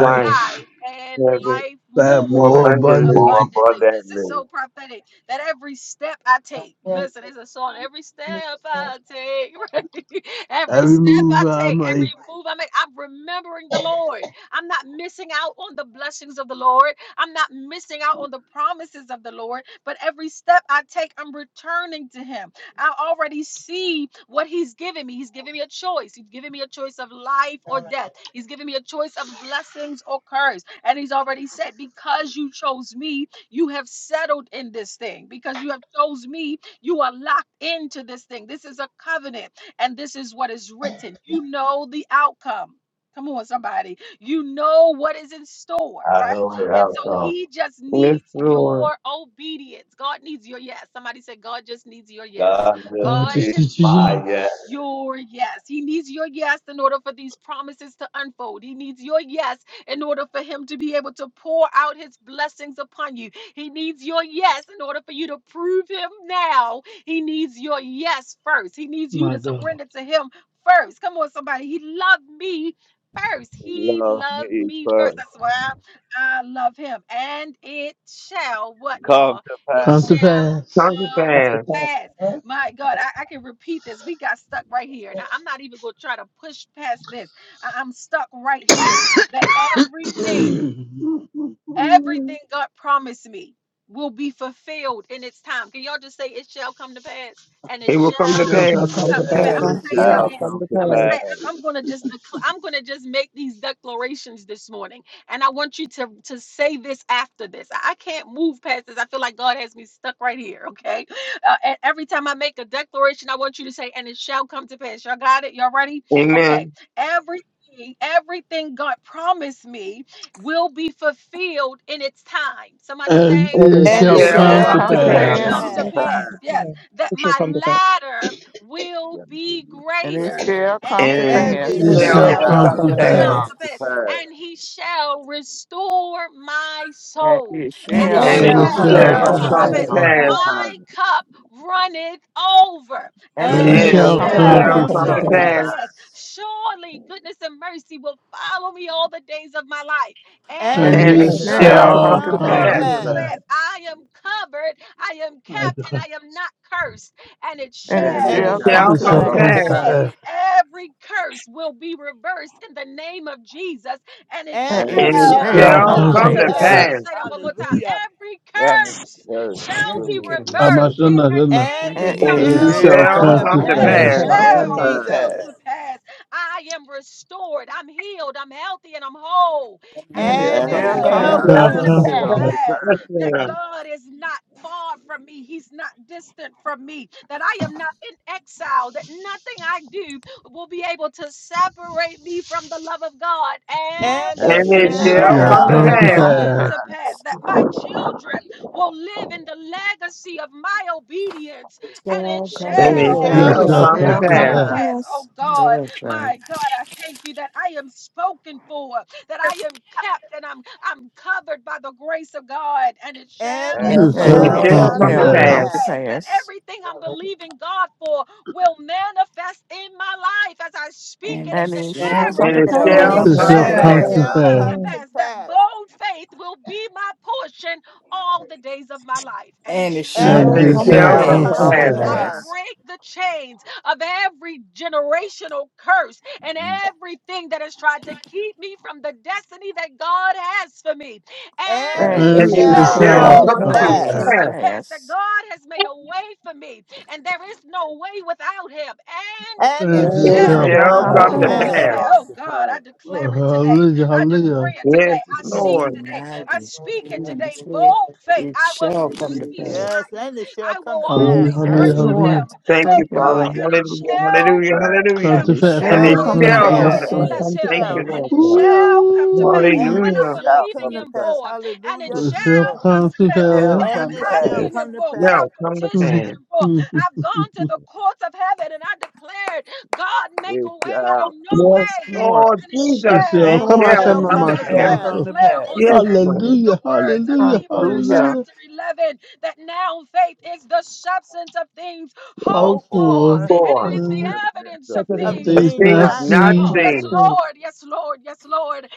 Speaker 2: life,
Speaker 1: life and
Speaker 2: have it
Speaker 1: life
Speaker 7: that
Speaker 1: more
Speaker 2: more
Speaker 7: more
Speaker 2: abundantly.
Speaker 5: more
Speaker 7: abundantly.
Speaker 1: abundantly. This is
Speaker 5: abundantly.
Speaker 1: so prophetic that every step I take, listen, it's a song. Every step I take, [laughs] right? every
Speaker 7: Every
Speaker 1: step I
Speaker 7: move I
Speaker 1: take,
Speaker 7: make.
Speaker 1: every move I make, I'm remembering the Lord. I'm not missing out on the blessings of the Lord. I'm not missing out on the promises of the Lord. But every step I take, I'm returning to Him. I already see what he's giving me. He's giving me a choice. He's giving me a choice of life or death. He's giving me a choice of blessings or curse. And he's already said, because you chose me, you have settled in this thing. Because you have chose me, you are locked into this thing. This is a covenant, and this is what is written. You know the outcome. Come on, somebody. You know what is in store,
Speaker 5: I
Speaker 1: right?
Speaker 5: know the
Speaker 1: And so
Speaker 5: outcome.
Speaker 1: he just
Speaker 2: Yes,
Speaker 1: needs
Speaker 2: Lord.
Speaker 1: your obedience. God needs your yes. Somebody said, God just needs your yes.
Speaker 5: God
Speaker 7: God
Speaker 5: just
Speaker 1: God
Speaker 7: just
Speaker 5: me
Speaker 1: just
Speaker 7: teaches you.
Speaker 5: my
Speaker 1: needs
Speaker 5: yet.
Speaker 7: yes.
Speaker 1: your yes. He needs your yes in order for these promises to unfold. He needs your yes in order for him to be able to pour out his blessings upon you. He needs your yes in order for you to prove him now. He needs your yes first. He needs you
Speaker 7: My
Speaker 1: to
Speaker 7: God.
Speaker 1: surrender to him first. Come on, somebody. He loved me first. He
Speaker 5: Love
Speaker 1: loved
Speaker 5: me
Speaker 1: me first.
Speaker 5: first.
Speaker 1: That's why I love him. And it shall, what
Speaker 5: Come
Speaker 1: y'all?
Speaker 5: to
Speaker 1: It
Speaker 5: pass.
Speaker 7: Come to
Speaker 1: shall
Speaker 7: pass.
Speaker 2: Come to
Speaker 1: come
Speaker 9: come
Speaker 1: to
Speaker 9: to
Speaker 2: pass.
Speaker 9: pass.
Speaker 1: pass. My God, I, I can repeat this. We got stuck right here. Now, I'm not even going to try to push past this. I, I'm stuck right here. That
Speaker 7: [clears throat]
Speaker 1: everything,
Speaker 7: it
Speaker 1: everything God promised me will be fulfilled in its time. Can y'all just say, It shall come to pass? And
Speaker 2: It
Speaker 1: it
Speaker 2: will come to
Speaker 1: shall
Speaker 9: It
Speaker 7: shall
Speaker 2: pass.
Speaker 9: shall
Speaker 7: come to
Speaker 9: come to
Speaker 1: come
Speaker 2: Yes,
Speaker 1: to
Speaker 3: It
Speaker 7: pass.
Speaker 3: shall
Speaker 1: pass.
Speaker 9: pass.
Speaker 1: I'm
Speaker 2: and
Speaker 5: It
Speaker 3: come
Speaker 2: it
Speaker 3: to
Speaker 1: gonna say it
Speaker 3: pass.
Speaker 2: shall
Speaker 5: shall
Speaker 1: again.
Speaker 2: come
Speaker 5: come
Speaker 2: to
Speaker 5: to
Speaker 1: I'm gonna
Speaker 2: pass.
Speaker 5: pass.
Speaker 1: say I- am gonna just decl- I'm gonna just make these declarations this morning, and I want you to to say this after this. I I can't move past this. I feel like God has me stuck right here. Okay, uh, and every time I make a declaration, I want you to say, "And it shall come to pass." Y'all got it? Y'all ready? Okay.
Speaker 2: Amen.
Speaker 1: Everything, everything God promised me will be fulfilled in its time. Somebody
Speaker 7: And
Speaker 1: say,
Speaker 7: it
Speaker 2: And
Speaker 10: And
Speaker 1: "And
Speaker 2: it
Speaker 6: And
Speaker 10: it
Speaker 1: it
Speaker 4: And
Speaker 7: shall
Speaker 6: it
Speaker 4: it
Speaker 2: shall
Speaker 10: shall
Speaker 4: shall
Speaker 7: come to
Speaker 6: shall
Speaker 10: come
Speaker 2: come
Speaker 4: come
Speaker 10: to
Speaker 2: to
Speaker 5: It
Speaker 1: shall
Speaker 4: to
Speaker 6: come to
Speaker 5: shall
Speaker 7: pass.
Speaker 2: pass.
Speaker 8: And
Speaker 10: pass.
Speaker 8: it
Speaker 1: come
Speaker 5: come
Speaker 4: pass,
Speaker 5: to
Speaker 1: to
Speaker 8: shall come
Speaker 6: pass.
Speaker 1: pass."
Speaker 5: pass.
Speaker 8: to
Speaker 1: Yes,
Speaker 8: pass.
Speaker 1: that
Speaker 9: It shall
Speaker 1: my
Speaker 9: come to pass.
Speaker 1: ladder will
Speaker 5: Let me give
Speaker 1: be
Speaker 5: you
Speaker 4: and it
Speaker 1: greater,
Speaker 5: grace.
Speaker 4: shall come to
Speaker 1: and
Speaker 8: And
Speaker 2: and
Speaker 6: And
Speaker 8: it
Speaker 6: it
Speaker 10: And
Speaker 1: it
Speaker 4: pass,
Speaker 7: It
Speaker 10: It
Speaker 8: shall
Speaker 3: And it
Speaker 5: It
Speaker 1: shall
Speaker 6: shall
Speaker 7: shall
Speaker 8: come
Speaker 2: expel
Speaker 8: to
Speaker 3: shall
Speaker 10: shall
Speaker 9: Shall
Speaker 2: from
Speaker 7: come
Speaker 6: come
Speaker 10: come
Speaker 2: the
Speaker 3: come
Speaker 10: to
Speaker 3: to
Speaker 7: to
Speaker 8: pass.
Speaker 9: come
Speaker 5: shall
Speaker 6: to
Speaker 9: to
Speaker 1: come
Speaker 2: past,
Speaker 3: pass.
Speaker 9: pass.
Speaker 7: pass.
Speaker 5: come
Speaker 10: pass.
Speaker 1: to
Speaker 5: to
Speaker 1: pass.
Speaker 6: pass.
Speaker 5: pass.
Speaker 1: And he shall restore my
Speaker 4: and
Speaker 1: soul,
Speaker 4: it
Speaker 8: And
Speaker 10: And
Speaker 1: and
Speaker 8: it
Speaker 10: it
Speaker 1: it
Speaker 4: shall
Speaker 2: and
Speaker 6: And
Speaker 7: And
Speaker 8: shall
Speaker 10: shall
Speaker 7: it
Speaker 4: come
Speaker 6: it
Speaker 3: And it
Speaker 4: to
Speaker 9: It
Speaker 8: come
Speaker 10: come
Speaker 1: shall
Speaker 5: It
Speaker 8: to
Speaker 10: to
Speaker 3: shall
Speaker 7: shall
Speaker 9: shall
Speaker 6: shall
Speaker 3: come
Speaker 2: expel
Speaker 9: come
Speaker 10: pass.
Speaker 3: to
Speaker 7: come
Speaker 9: to
Speaker 4: pass,
Speaker 1: come
Speaker 5: shall
Speaker 8: pass.
Speaker 1: to
Speaker 2: from
Speaker 6: come
Speaker 7: to
Speaker 2: the
Speaker 1: pass.
Speaker 9: pass.
Speaker 6: to
Speaker 3: pass.
Speaker 7: pass.
Speaker 5: come to
Speaker 2: past,
Speaker 6: pass.
Speaker 1: My
Speaker 5: pass.
Speaker 1: cup runneth over,
Speaker 4: and it
Speaker 7: And
Speaker 1: and
Speaker 10: And
Speaker 7: it
Speaker 6: And
Speaker 1: it
Speaker 8: And
Speaker 10: it
Speaker 5: And
Speaker 8: it
Speaker 6: it
Speaker 4: shall
Speaker 5: it
Speaker 3: And
Speaker 2: and
Speaker 7: shall
Speaker 3: it
Speaker 4: come to
Speaker 9: And
Speaker 8: shall
Speaker 6: shall
Speaker 9: it
Speaker 3: shall
Speaker 10: shall
Speaker 7: come
Speaker 1: shall
Speaker 5: shall
Speaker 9: shall
Speaker 8: come
Speaker 3: come
Speaker 2: expel
Speaker 7: to
Speaker 6: come
Speaker 8: to
Speaker 10: come
Speaker 3: to
Speaker 9: come
Speaker 4: pass,
Speaker 2: from
Speaker 10: to
Speaker 9: to
Speaker 5: come
Speaker 6: to
Speaker 7: pass.
Speaker 2: the
Speaker 1: come
Speaker 3: pass.
Speaker 1: to
Speaker 5: to
Speaker 9: pass.
Speaker 8: pass.
Speaker 2: past,
Speaker 10: pass.
Speaker 5: pass.
Speaker 1: pass.
Speaker 6: pass.
Speaker 1: Surely goodness and mercy will follow me all the days of my life,
Speaker 8: And
Speaker 1: and
Speaker 4: and
Speaker 8: it
Speaker 6: And
Speaker 7: And
Speaker 5: And
Speaker 2: and
Speaker 4: it
Speaker 10: And
Speaker 1: it
Speaker 5: it
Speaker 7: it
Speaker 6: it
Speaker 9: And
Speaker 8: shall
Speaker 10: it
Speaker 9: it shall
Speaker 4: shall
Speaker 5: shall
Speaker 6: shall
Speaker 2: expel
Speaker 3: Shall
Speaker 9: come
Speaker 1: shall
Speaker 10: shall
Speaker 3: come
Speaker 4: come
Speaker 9: to
Speaker 7: shall
Speaker 2: from
Speaker 4: to
Speaker 2: the
Speaker 6: come
Speaker 3: to
Speaker 9: pass.
Speaker 6: to
Speaker 10: come
Speaker 7: come
Speaker 5: come
Speaker 10: to
Speaker 1: come
Speaker 3: pass.
Speaker 7: to
Speaker 5: to
Speaker 2: past,
Speaker 4: pass
Speaker 1: to
Speaker 10: pass.
Speaker 6: pass.
Speaker 7: pass.
Speaker 1: pass.
Speaker 5: pass.
Speaker 1: I am covered, I am
Speaker 7: My
Speaker 1: kept,
Speaker 7: God.
Speaker 1: and I am not cursed and it
Speaker 4: and
Speaker 8: and
Speaker 10: And
Speaker 4: it
Speaker 10: it
Speaker 5: And
Speaker 1: shall
Speaker 6: And
Speaker 5: it
Speaker 8: it
Speaker 6: it
Speaker 4: shall
Speaker 8: shall
Speaker 10: shall
Speaker 3: And
Speaker 8: come to
Speaker 6: shall
Speaker 3: it
Speaker 4: come
Speaker 10: come
Speaker 5: shall
Speaker 10: to
Speaker 7: It
Speaker 2: expel
Speaker 4: to
Speaker 10: pass.
Speaker 2: from
Speaker 3: shall
Speaker 6: come
Speaker 9: Shall
Speaker 7: shall
Speaker 8: pass.
Speaker 2: the
Speaker 5: come
Speaker 1: come
Speaker 6: to
Speaker 10: It
Speaker 3: come
Speaker 9: come
Speaker 1: to
Speaker 3: to
Speaker 7: come
Speaker 5: to
Speaker 9: to
Speaker 4: pass,
Speaker 7: to
Speaker 2: past,
Speaker 6: pass.
Speaker 5: pass.
Speaker 1: pass.
Speaker 9: pass.
Speaker 7: pass.
Speaker 3: pass.
Speaker 1: Every curse will be reversed in the name of Jesus, and it
Speaker 4: and
Speaker 6: And
Speaker 5: And
Speaker 6: it
Speaker 4: it
Speaker 5: it
Speaker 2: and
Speaker 7: It
Speaker 1: shall
Speaker 8: And
Speaker 10: Shall
Speaker 8: it
Speaker 6: shall
Speaker 4: shall
Speaker 7: shall
Speaker 5: shall
Speaker 10: come
Speaker 2: expel
Speaker 9: Shall
Speaker 4: come
Speaker 10: to
Speaker 4: to
Speaker 8: shall
Speaker 7: come
Speaker 6: come
Speaker 3: Come
Speaker 7: to
Speaker 1: come
Speaker 6: to
Speaker 3: to
Speaker 2: from
Speaker 9: come
Speaker 5: come
Speaker 1: to
Speaker 2: the
Speaker 5: to
Speaker 9: to
Speaker 1: pass.
Speaker 5: pass.
Speaker 4: pass,
Speaker 10: pass.
Speaker 1: Let
Speaker 9: pass.
Speaker 3: pass.
Speaker 6: pass.
Speaker 8: pass.
Speaker 1: me
Speaker 7: pass.
Speaker 2: past,
Speaker 1: say that one more time.
Speaker 6: Hallelujah
Speaker 1: Every
Speaker 5: and it
Speaker 1: curse
Speaker 5: does
Speaker 1: shall
Speaker 5: will
Speaker 1: be
Speaker 10: Every
Speaker 5: be in
Speaker 7: Oh
Speaker 10: curse.
Speaker 7: my
Speaker 5: the
Speaker 1: reversed
Speaker 5: word,
Speaker 1: in
Speaker 7: goodness,
Speaker 1: the
Speaker 7: goodness.
Speaker 6: and
Speaker 10: Every
Speaker 4: and
Speaker 1: name
Speaker 6: it
Speaker 4: it
Speaker 2: and
Speaker 7: And it
Speaker 1: of
Speaker 5: and
Speaker 6: shall
Speaker 5: it
Speaker 10: evilness.
Speaker 7: shall
Speaker 4: shall
Speaker 2: expel
Speaker 6: come
Speaker 4: come
Speaker 9: And
Speaker 7: come
Speaker 6: to
Speaker 9: it
Speaker 4: to
Speaker 5: shall
Speaker 8: And
Speaker 2: from
Speaker 9: shall
Speaker 7: to
Speaker 10: And It
Speaker 8: it
Speaker 2: the
Speaker 1: and
Speaker 9: come
Speaker 1: it
Speaker 6: pass.
Speaker 9: to
Speaker 10: shall
Speaker 7: pass.
Speaker 4: pass,
Speaker 3: And
Speaker 10: come
Speaker 3: it
Speaker 2: past,
Speaker 9: pass.
Speaker 10: to
Speaker 6: Thank
Speaker 8: shall
Speaker 5: come to
Speaker 6: you,
Speaker 3: shall
Speaker 8: come to
Speaker 10: pass.
Speaker 3: come
Speaker 1: shall
Speaker 3: to
Speaker 5: pass,
Speaker 6: Jesus.
Speaker 1: come
Speaker 3: pass.
Speaker 1: to pass. I am restored, I'm healed, I'm healthy, and I'm whole,
Speaker 3: And
Speaker 8: pass,
Speaker 3: it
Speaker 1: and
Speaker 8: and
Speaker 4: and
Speaker 1: it
Speaker 4: it
Speaker 3: shall
Speaker 6: And
Speaker 3: come
Speaker 6: it
Speaker 3: to
Speaker 4: shall
Speaker 5: and
Speaker 10: And
Speaker 5: it
Speaker 10: It
Speaker 4: come
Speaker 1: shall
Speaker 6: shall
Speaker 9: And
Speaker 4: to
Speaker 10: shall
Speaker 5: shall
Speaker 9: it
Speaker 2: expel
Speaker 3: pass.
Speaker 7: Shall
Speaker 6: come
Speaker 9: shall
Speaker 6: to
Speaker 1: come
Speaker 10: come
Speaker 7: come
Speaker 1: to
Speaker 4: pass,
Speaker 9: come
Speaker 7: to
Speaker 10: to
Speaker 9: to
Speaker 10: pass.
Speaker 5: come
Speaker 2: from
Speaker 9: pass.
Speaker 7: pass.
Speaker 2: the
Speaker 5: to
Speaker 2: past.
Speaker 6: pass.
Speaker 1: pass
Speaker 2: Yes,
Speaker 5: pass,
Speaker 1: that
Speaker 2: ma'am.
Speaker 1: God is not. Far from me, He's not distant from me, that I am not in exile, that nothing I do will be able to separate me from the love of God. And
Speaker 6: And it
Speaker 2: And
Speaker 5: and
Speaker 1: it
Speaker 3: And it
Speaker 5: it
Speaker 8: it
Speaker 3: shall
Speaker 6: shall
Speaker 4: and
Speaker 2: expel
Speaker 4: it
Speaker 3: come
Speaker 7: Shall
Speaker 3: to
Speaker 2: from
Speaker 8: shall
Speaker 2: the
Speaker 6: come
Speaker 1: shall
Speaker 5: shall
Speaker 7: come
Speaker 6: to
Speaker 4: shall
Speaker 7: to
Speaker 8: come to pass.
Speaker 3: pass.
Speaker 5: come
Speaker 2: past,
Speaker 4: come
Speaker 5: to
Speaker 4: to
Speaker 7: pass.
Speaker 1: come
Speaker 6: pass.
Speaker 4: pass,
Speaker 1: to
Speaker 5: pass,
Speaker 1: pass that my children will live in the legacy of my obedience, and it
Speaker 10: Shall come
Speaker 5: and
Speaker 6: And
Speaker 10: to
Speaker 2: and
Speaker 6: it
Speaker 5: it
Speaker 9: And
Speaker 4: and
Speaker 9: it
Speaker 1: shall
Speaker 6: shall
Speaker 7: It
Speaker 5: shall
Speaker 4: it
Speaker 2: expel
Speaker 10: pass.
Speaker 7: shall
Speaker 9: shall
Speaker 6: come
Speaker 2: from
Speaker 9: come
Speaker 2: the
Speaker 7: come
Speaker 6: to
Speaker 4: shall
Speaker 1: come
Speaker 5: come
Speaker 9: to
Speaker 4: come
Speaker 7: to
Speaker 5: to
Speaker 1: to
Speaker 9: pass.
Speaker 4: to
Speaker 2: past,
Speaker 6: pass.
Speaker 7: pass.
Speaker 5: pass,
Speaker 1: pass. Oh
Speaker 4: pass,
Speaker 10: Oh,
Speaker 1: God,
Speaker 10: That's right.
Speaker 1: my God, I thank you that I am spoken for, that I am kept, and I'm I'm covered by the grace of God, and it shall
Speaker 6: And
Speaker 5: and
Speaker 6: it
Speaker 3: Shall
Speaker 8: And
Speaker 10: And
Speaker 5: it
Speaker 7: It
Speaker 8: it
Speaker 10: it
Speaker 3: come
Speaker 5: shall
Speaker 3: to
Speaker 2: and
Speaker 9: And
Speaker 4: and
Speaker 7: shall
Speaker 8: shall
Speaker 9: it
Speaker 6: shall
Speaker 4: it
Speaker 10: shall
Speaker 9: shall
Speaker 7: come
Speaker 2: expel
Speaker 5: come
Speaker 10: come
Speaker 6: come
Speaker 7: to
Speaker 5: to
Speaker 10: to
Speaker 2: from
Speaker 3: pass.
Speaker 9: come
Speaker 2: the
Speaker 6: to
Speaker 9: to
Speaker 4: shall
Speaker 1: come
Speaker 5: pass,
Speaker 7: pass.
Speaker 1: to
Speaker 9: pass.
Speaker 4: come
Speaker 2: past,
Speaker 4: to
Speaker 10: pass.
Speaker 1: pass,
Speaker 6: pass.
Speaker 1: that
Speaker 4: pass,
Speaker 1: everything I'm believing God for will manifest in my life as I speak
Speaker 10: And
Speaker 1: it
Speaker 10: it
Speaker 1: and
Speaker 4: and it
Speaker 3: And
Speaker 4: shall
Speaker 1: declare
Speaker 4: come
Speaker 10: shall
Speaker 3: it
Speaker 1: it,
Speaker 4: to
Speaker 2: and
Speaker 10: come to
Speaker 5: and
Speaker 3: shall
Speaker 9: And
Speaker 1: and
Speaker 5: it
Speaker 1: it
Speaker 2: expel
Speaker 9: it
Speaker 3: come
Speaker 7: It
Speaker 10: pass.
Speaker 4: pass,
Speaker 3: to
Speaker 9: shall
Speaker 2: from
Speaker 7: shall
Speaker 5: shall
Speaker 2: the
Speaker 9: come
Speaker 6: And
Speaker 9: to
Speaker 6: it
Speaker 5: come
Speaker 1: shall
Speaker 7: come
Speaker 5: to
Speaker 3: pass.
Speaker 2: past,
Speaker 7: to
Speaker 8: come
Speaker 9: pass.
Speaker 8: to
Speaker 6: shall
Speaker 5: pass,
Speaker 1: come
Speaker 7: pass.
Speaker 1: to
Speaker 6: come
Speaker 8: pass,
Speaker 6: to
Speaker 1: pass. That
Speaker 6: pass.
Speaker 1: bold faith will be my portion all the days of my life, and it
Speaker 10: And it
Speaker 4: and
Speaker 8: and
Speaker 1: shall
Speaker 6: And
Speaker 7: And
Speaker 8: it
Speaker 10: shall
Speaker 9: And
Speaker 5: and
Speaker 2: and
Speaker 6: it
Speaker 4: it
Speaker 7: it
Speaker 9: it
Speaker 5: it
Speaker 3: And
Speaker 10: come
Speaker 3: it
Speaker 10: to
Speaker 9: shall
Speaker 8: shall
Speaker 7: shall
Speaker 2: expel
Speaker 5: shall
Speaker 6: shall
Speaker 9: come to
Speaker 4: shall
Speaker 2: from
Speaker 3: shall
Speaker 1: come
Speaker 7: come
Speaker 2: the
Speaker 1: to
Speaker 6: come
Speaker 9: pass.
Speaker 10: pass.
Speaker 4: come
Speaker 7: to
Speaker 3: come
Speaker 6: to
Speaker 5: come
Speaker 3: to
Speaker 4: to
Speaker 1: pass.
Speaker 2: past,
Speaker 5: to
Speaker 7: pass.
Speaker 1: I
Speaker 3: pass.
Speaker 8: and
Speaker 5: pass,
Speaker 6: pass.
Speaker 4: pass,
Speaker 1: break the chains of every generational curse and
Speaker 10: And
Speaker 1: everything that has tried to keep me from the destiny that God has for me. And
Speaker 6: And
Speaker 4: and
Speaker 5: and
Speaker 10: it
Speaker 6: it
Speaker 1: it
Speaker 5: it
Speaker 9: And
Speaker 7: And
Speaker 6: shall
Speaker 4: it
Speaker 2: and
Speaker 9: it
Speaker 7: it
Speaker 8: it
Speaker 1: shall
Speaker 5: shall
Speaker 9: shall come
Speaker 2: expel
Speaker 10: shall
Speaker 7: shall
Speaker 6: come
Speaker 3: Shall
Speaker 8: shall
Speaker 9: to
Speaker 4: shall
Speaker 1: woo,
Speaker 6: to
Speaker 3: come
Speaker 2: from
Speaker 10: come
Speaker 3: to
Speaker 10: to
Speaker 7: come
Speaker 8: come
Speaker 9: pass.
Speaker 5: come
Speaker 7: to
Speaker 2: the
Speaker 1: come
Speaker 4: come
Speaker 8: to
Speaker 5: to
Speaker 10: pass.
Speaker 7: pass.
Speaker 5: pass,
Speaker 4: to
Speaker 6: pass.
Speaker 2: past
Speaker 8: pass.
Speaker 3: pass.
Speaker 1: to pass that
Speaker 4: pass,
Speaker 1: God has made a way for me, and there is no way without Him. And
Speaker 6: And it
Speaker 5: and it shall come to pass, and
Speaker 7: And
Speaker 1: it
Speaker 10: It
Speaker 5: it
Speaker 9: And
Speaker 7: it
Speaker 1: shall
Speaker 2: It
Speaker 9: it
Speaker 8: And it shall come to pass. And it shall come to pass. And
Speaker 10: shall
Speaker 8: it
Speaker 6: shall
Speaker 7: shall
Speaker 4: shall
Speaker 9: shall
Speaker 2: shall
Speaker 10: come to
Speaker 6: come
Speaker 4: come to
Speaker 7: come
Speaker 6: to
Speaker 9: come
Speaker 8: shall
Speaker 3: Shall
Speaker 2: come
Speaker 9: to
Speaker 5: shall
Speaker 2: to
Speaker 7: to
Speaker 8: come to
Speaker 3: come to
Speaker 10: pass.
Speaker 9: pass.
Speaker 1: captive
Speaker 6: pass.
Speaker 4: pass.
Speaker 7: pass.
Speaker 2: pass.
Speaker 1: held.
Speaker 8: pass.
Speaker 3: pass.
Speaker 1: Oh God, I declare it today.
Speaker 7: Hallelujah,
Speaker 1: I
Speaker 7: hallelujah.
Speaker 1: decree it today.
Speaker 2: Yes,
Speaker 1: I see it
Speaker 2: Lord.
Speaker 10: Hmm,
Speaker 1: today.
Speaker 10: I
Speaker 1: I
Speaker 10: do.
Speaker 1: speak it
Speaker 10: And it
Speaker 1: today.
Speaker 10: said,
Speaker 1: Bold faith.
Speaker 10: it
Speaker 1: I will
Speaker 10: shall come
Speaker 1: not
Speaker 10: to
Speaker 1: be
Speaker 10: pass.
Speaker 6: Yes,
Speaker 1: silent.
Speaker 6: and it shall
Speaker 1: I
Speaker 6: come
Speaker 1: will
Speaker 6: to
Speaker 7: Hallelujah,
Speaker 6: pass.
Speaker 2: Yes,
Speaker 1: always
Speaker 4: Yes,
Speaker 7: hallelujah,
Speaker 1: worship
Speaker 2: Lord.
Speaker 6: Hallelujah.
Speaker 4: Lord.
Speaker 7: hallelujah.
Speaker 1: him.
Speaker 2: Thank
Speaker 1: Oh
Speaker 2: you,
Speaker 4: Thank you,
Speaker 2: Father.
Speaker 1: God,
Speaker 4: Lord.
Speaker 1: and it
Speaker 2: Hallelujah.
Speaker 5: come
Speaker 1: shall
Speaker 5: to
Speaker 2: Hallelujah.
Speaker 5: pass,
Speaker 7: Come
Speaker 2: Hallelujah.
Speaker 4: and
Speaker 1: him
Speaker 7: to
Speaker 4: it
Speaker 1: to
Speaker 7: pass.
Speaker 2: And
Speaker 1: pass.
Speaker 7: I'm
Speaker 4: shall
Speaker 2: it
Speaker 6: And
Speaker 1: I
Speaker 7: not,
Speaker 3: Shall
Speaker 4: come
Speaker 6: it
Speaker 4: to
Speaker 1: will
Speaker 3: come to
Speaker 2: shall
Speaker 9: And
Speaker 2: come
Speaker 7: I'm,
Speaker 9: it
Speaker 6: shall,
Speaker 2: to
Speaker 4: pass.
Speaker 1: always
Speaker 9: shall
Speaker 7: I'm,
Speaker 3: pass.
Speaker 6: and
Speaker 2: pass.
Speaker 6: it
Speaker 1: bless
Speaker 9: come to pass. And it shall come to
Speaker 1: him,
Speaker 2: Thank you,
Speaker 9: pass
Speaker 6: shall,
Speaker 1: and
Speaker 2: Lord
Speaker 6: and
Speaker 1: it
Speaker 6: it
Speaker 2: God.
Speaker 6: shall,
Speaker 1: shall come to pass. And
Speaker 7: ooh.
Speaker 6: and
Speaker 1: what
Speaker 6: it
Speaker 1: I'm
Speaker 2: Hallelujah.
Speaker 6: shall
Speaker 5: shall
Speaker 1: believing
Speaker 6: come
Speaker 5: come
Speaker 6: to
Speaker 5: to
Speaker 1: him
Speaker 6: pass.
Speaker 5: pass,
Speaker 1: for, and it
Speaker 6: Hallelujah,
Speaker 7: It shall
Speaker 6: Jesus.
Speaker 1: shall come
Speaker 7: come
Speaker 1: to
Speaker 7: to
Speaker 1: pass.
Speaker 5: shall
Speaker 3: Shall
Speaker 1: What
Speaker 5: come to
Speaker 1: I'm
Speaker 7: pass.
Speaker 3: come
Speaker 6: And
Speaker 3: to
Speaker 6: it
Speaker 5: pass.
Speaker 6: shall
Speaker 2: It
Speaker 1: asking
Speaker 3: pass.
Speaker 1: him
Speaker 6: come to
Speaker 1: for, what
Speaker 6: pass.
Speaker 2: shall
Speaker 1: I've
Speaker 2: come to
Speaker 7: [laughs]
Speaker 1: petitioned
Speaker 2: pass.
Speaker 1: him for, I've gone to the courts of heaven and I declared, God, make a
Speaker 5: It
Speaker 1: way
Speaker 5: shall
Speaker 1: out of no
Speaker 2: Yes,
Speaker 1: way,
Speaker 4: Lord,
Speaker 2: Lord
Speaker 1: and it
Speaker 7: it
Speaker 2: Jesus, and
Speaker 7: shall
Speaker 1: shall
Speaker 2: it
Speaker 6: And
Speaker 7: come
Speaker 6: it
Speaker 7: out,
Speaker 4: Lord,
Speaker 2: shall
Speaker 6: shall
Speaker 1: come
Speaker 3: and
Speaker 1: to
Speaker 2: come
Speaker 3: it
Speaker 2: to
Speaker 6: come
Speaker 7: Shema,
Speaker 6: to
Speaker 1: pass.
Speaker 2: pass.
Speaker 3: shall
Speaker 7: Shema.
Speaker 1: I
Speaker 6: pass.
Speaker 3: come to
Speaker 1: declare on
Speaker 3: pass.
Speaker 2: Yes,
Speaker 1: today
Speaker 2: Lord.
Speaker 1: the
Speaker 7: Hallelujah,
Speaker 1: words of
Speaker 5: shall
Speaker 7: hallelujah,
Speaker 5: come to
Speaker 1: Hebrews
Speaker 5: pass.
Speaker 4: hallelujah.
Speaker 7: hallelujah.
Speaker 1: chapter 11 that now faith is the substance of things hoped
Speaker 5: Hope
Speaker 6: Hope
Speaker 5: for
Speaker 1: for
Speaker 7: hopeful
Speaker 6: for
Speaker 1: and it
Speaker 2: For
Speaker 1: is the
Speaker 7: uh,
Speaker 5: evidence
Speaker 1: evidence of
Speaker 5: of
Speaker 6: of
Speaker 9: evidence
Speaker 5: the
Speaker 1: things
Speaker 9: of
Speaker 2: a
Speaker 7: things
Speaker 6: things
Speaker 9: good
Speaker 7: not
Speaker 2: thing
Speaker 1: not
Speaker 6: not
Speaker 2: not
Speaker 5: doctrine.
Speaker 7: seen
Speaker 1: seen.
Speaker 6: seen.
Speaker 9: not
Speaker 1: Yes,
Speaker 2: seen
Speaker 9: soon
Speaker 1: Lord, yes, Lord, yes, Lord,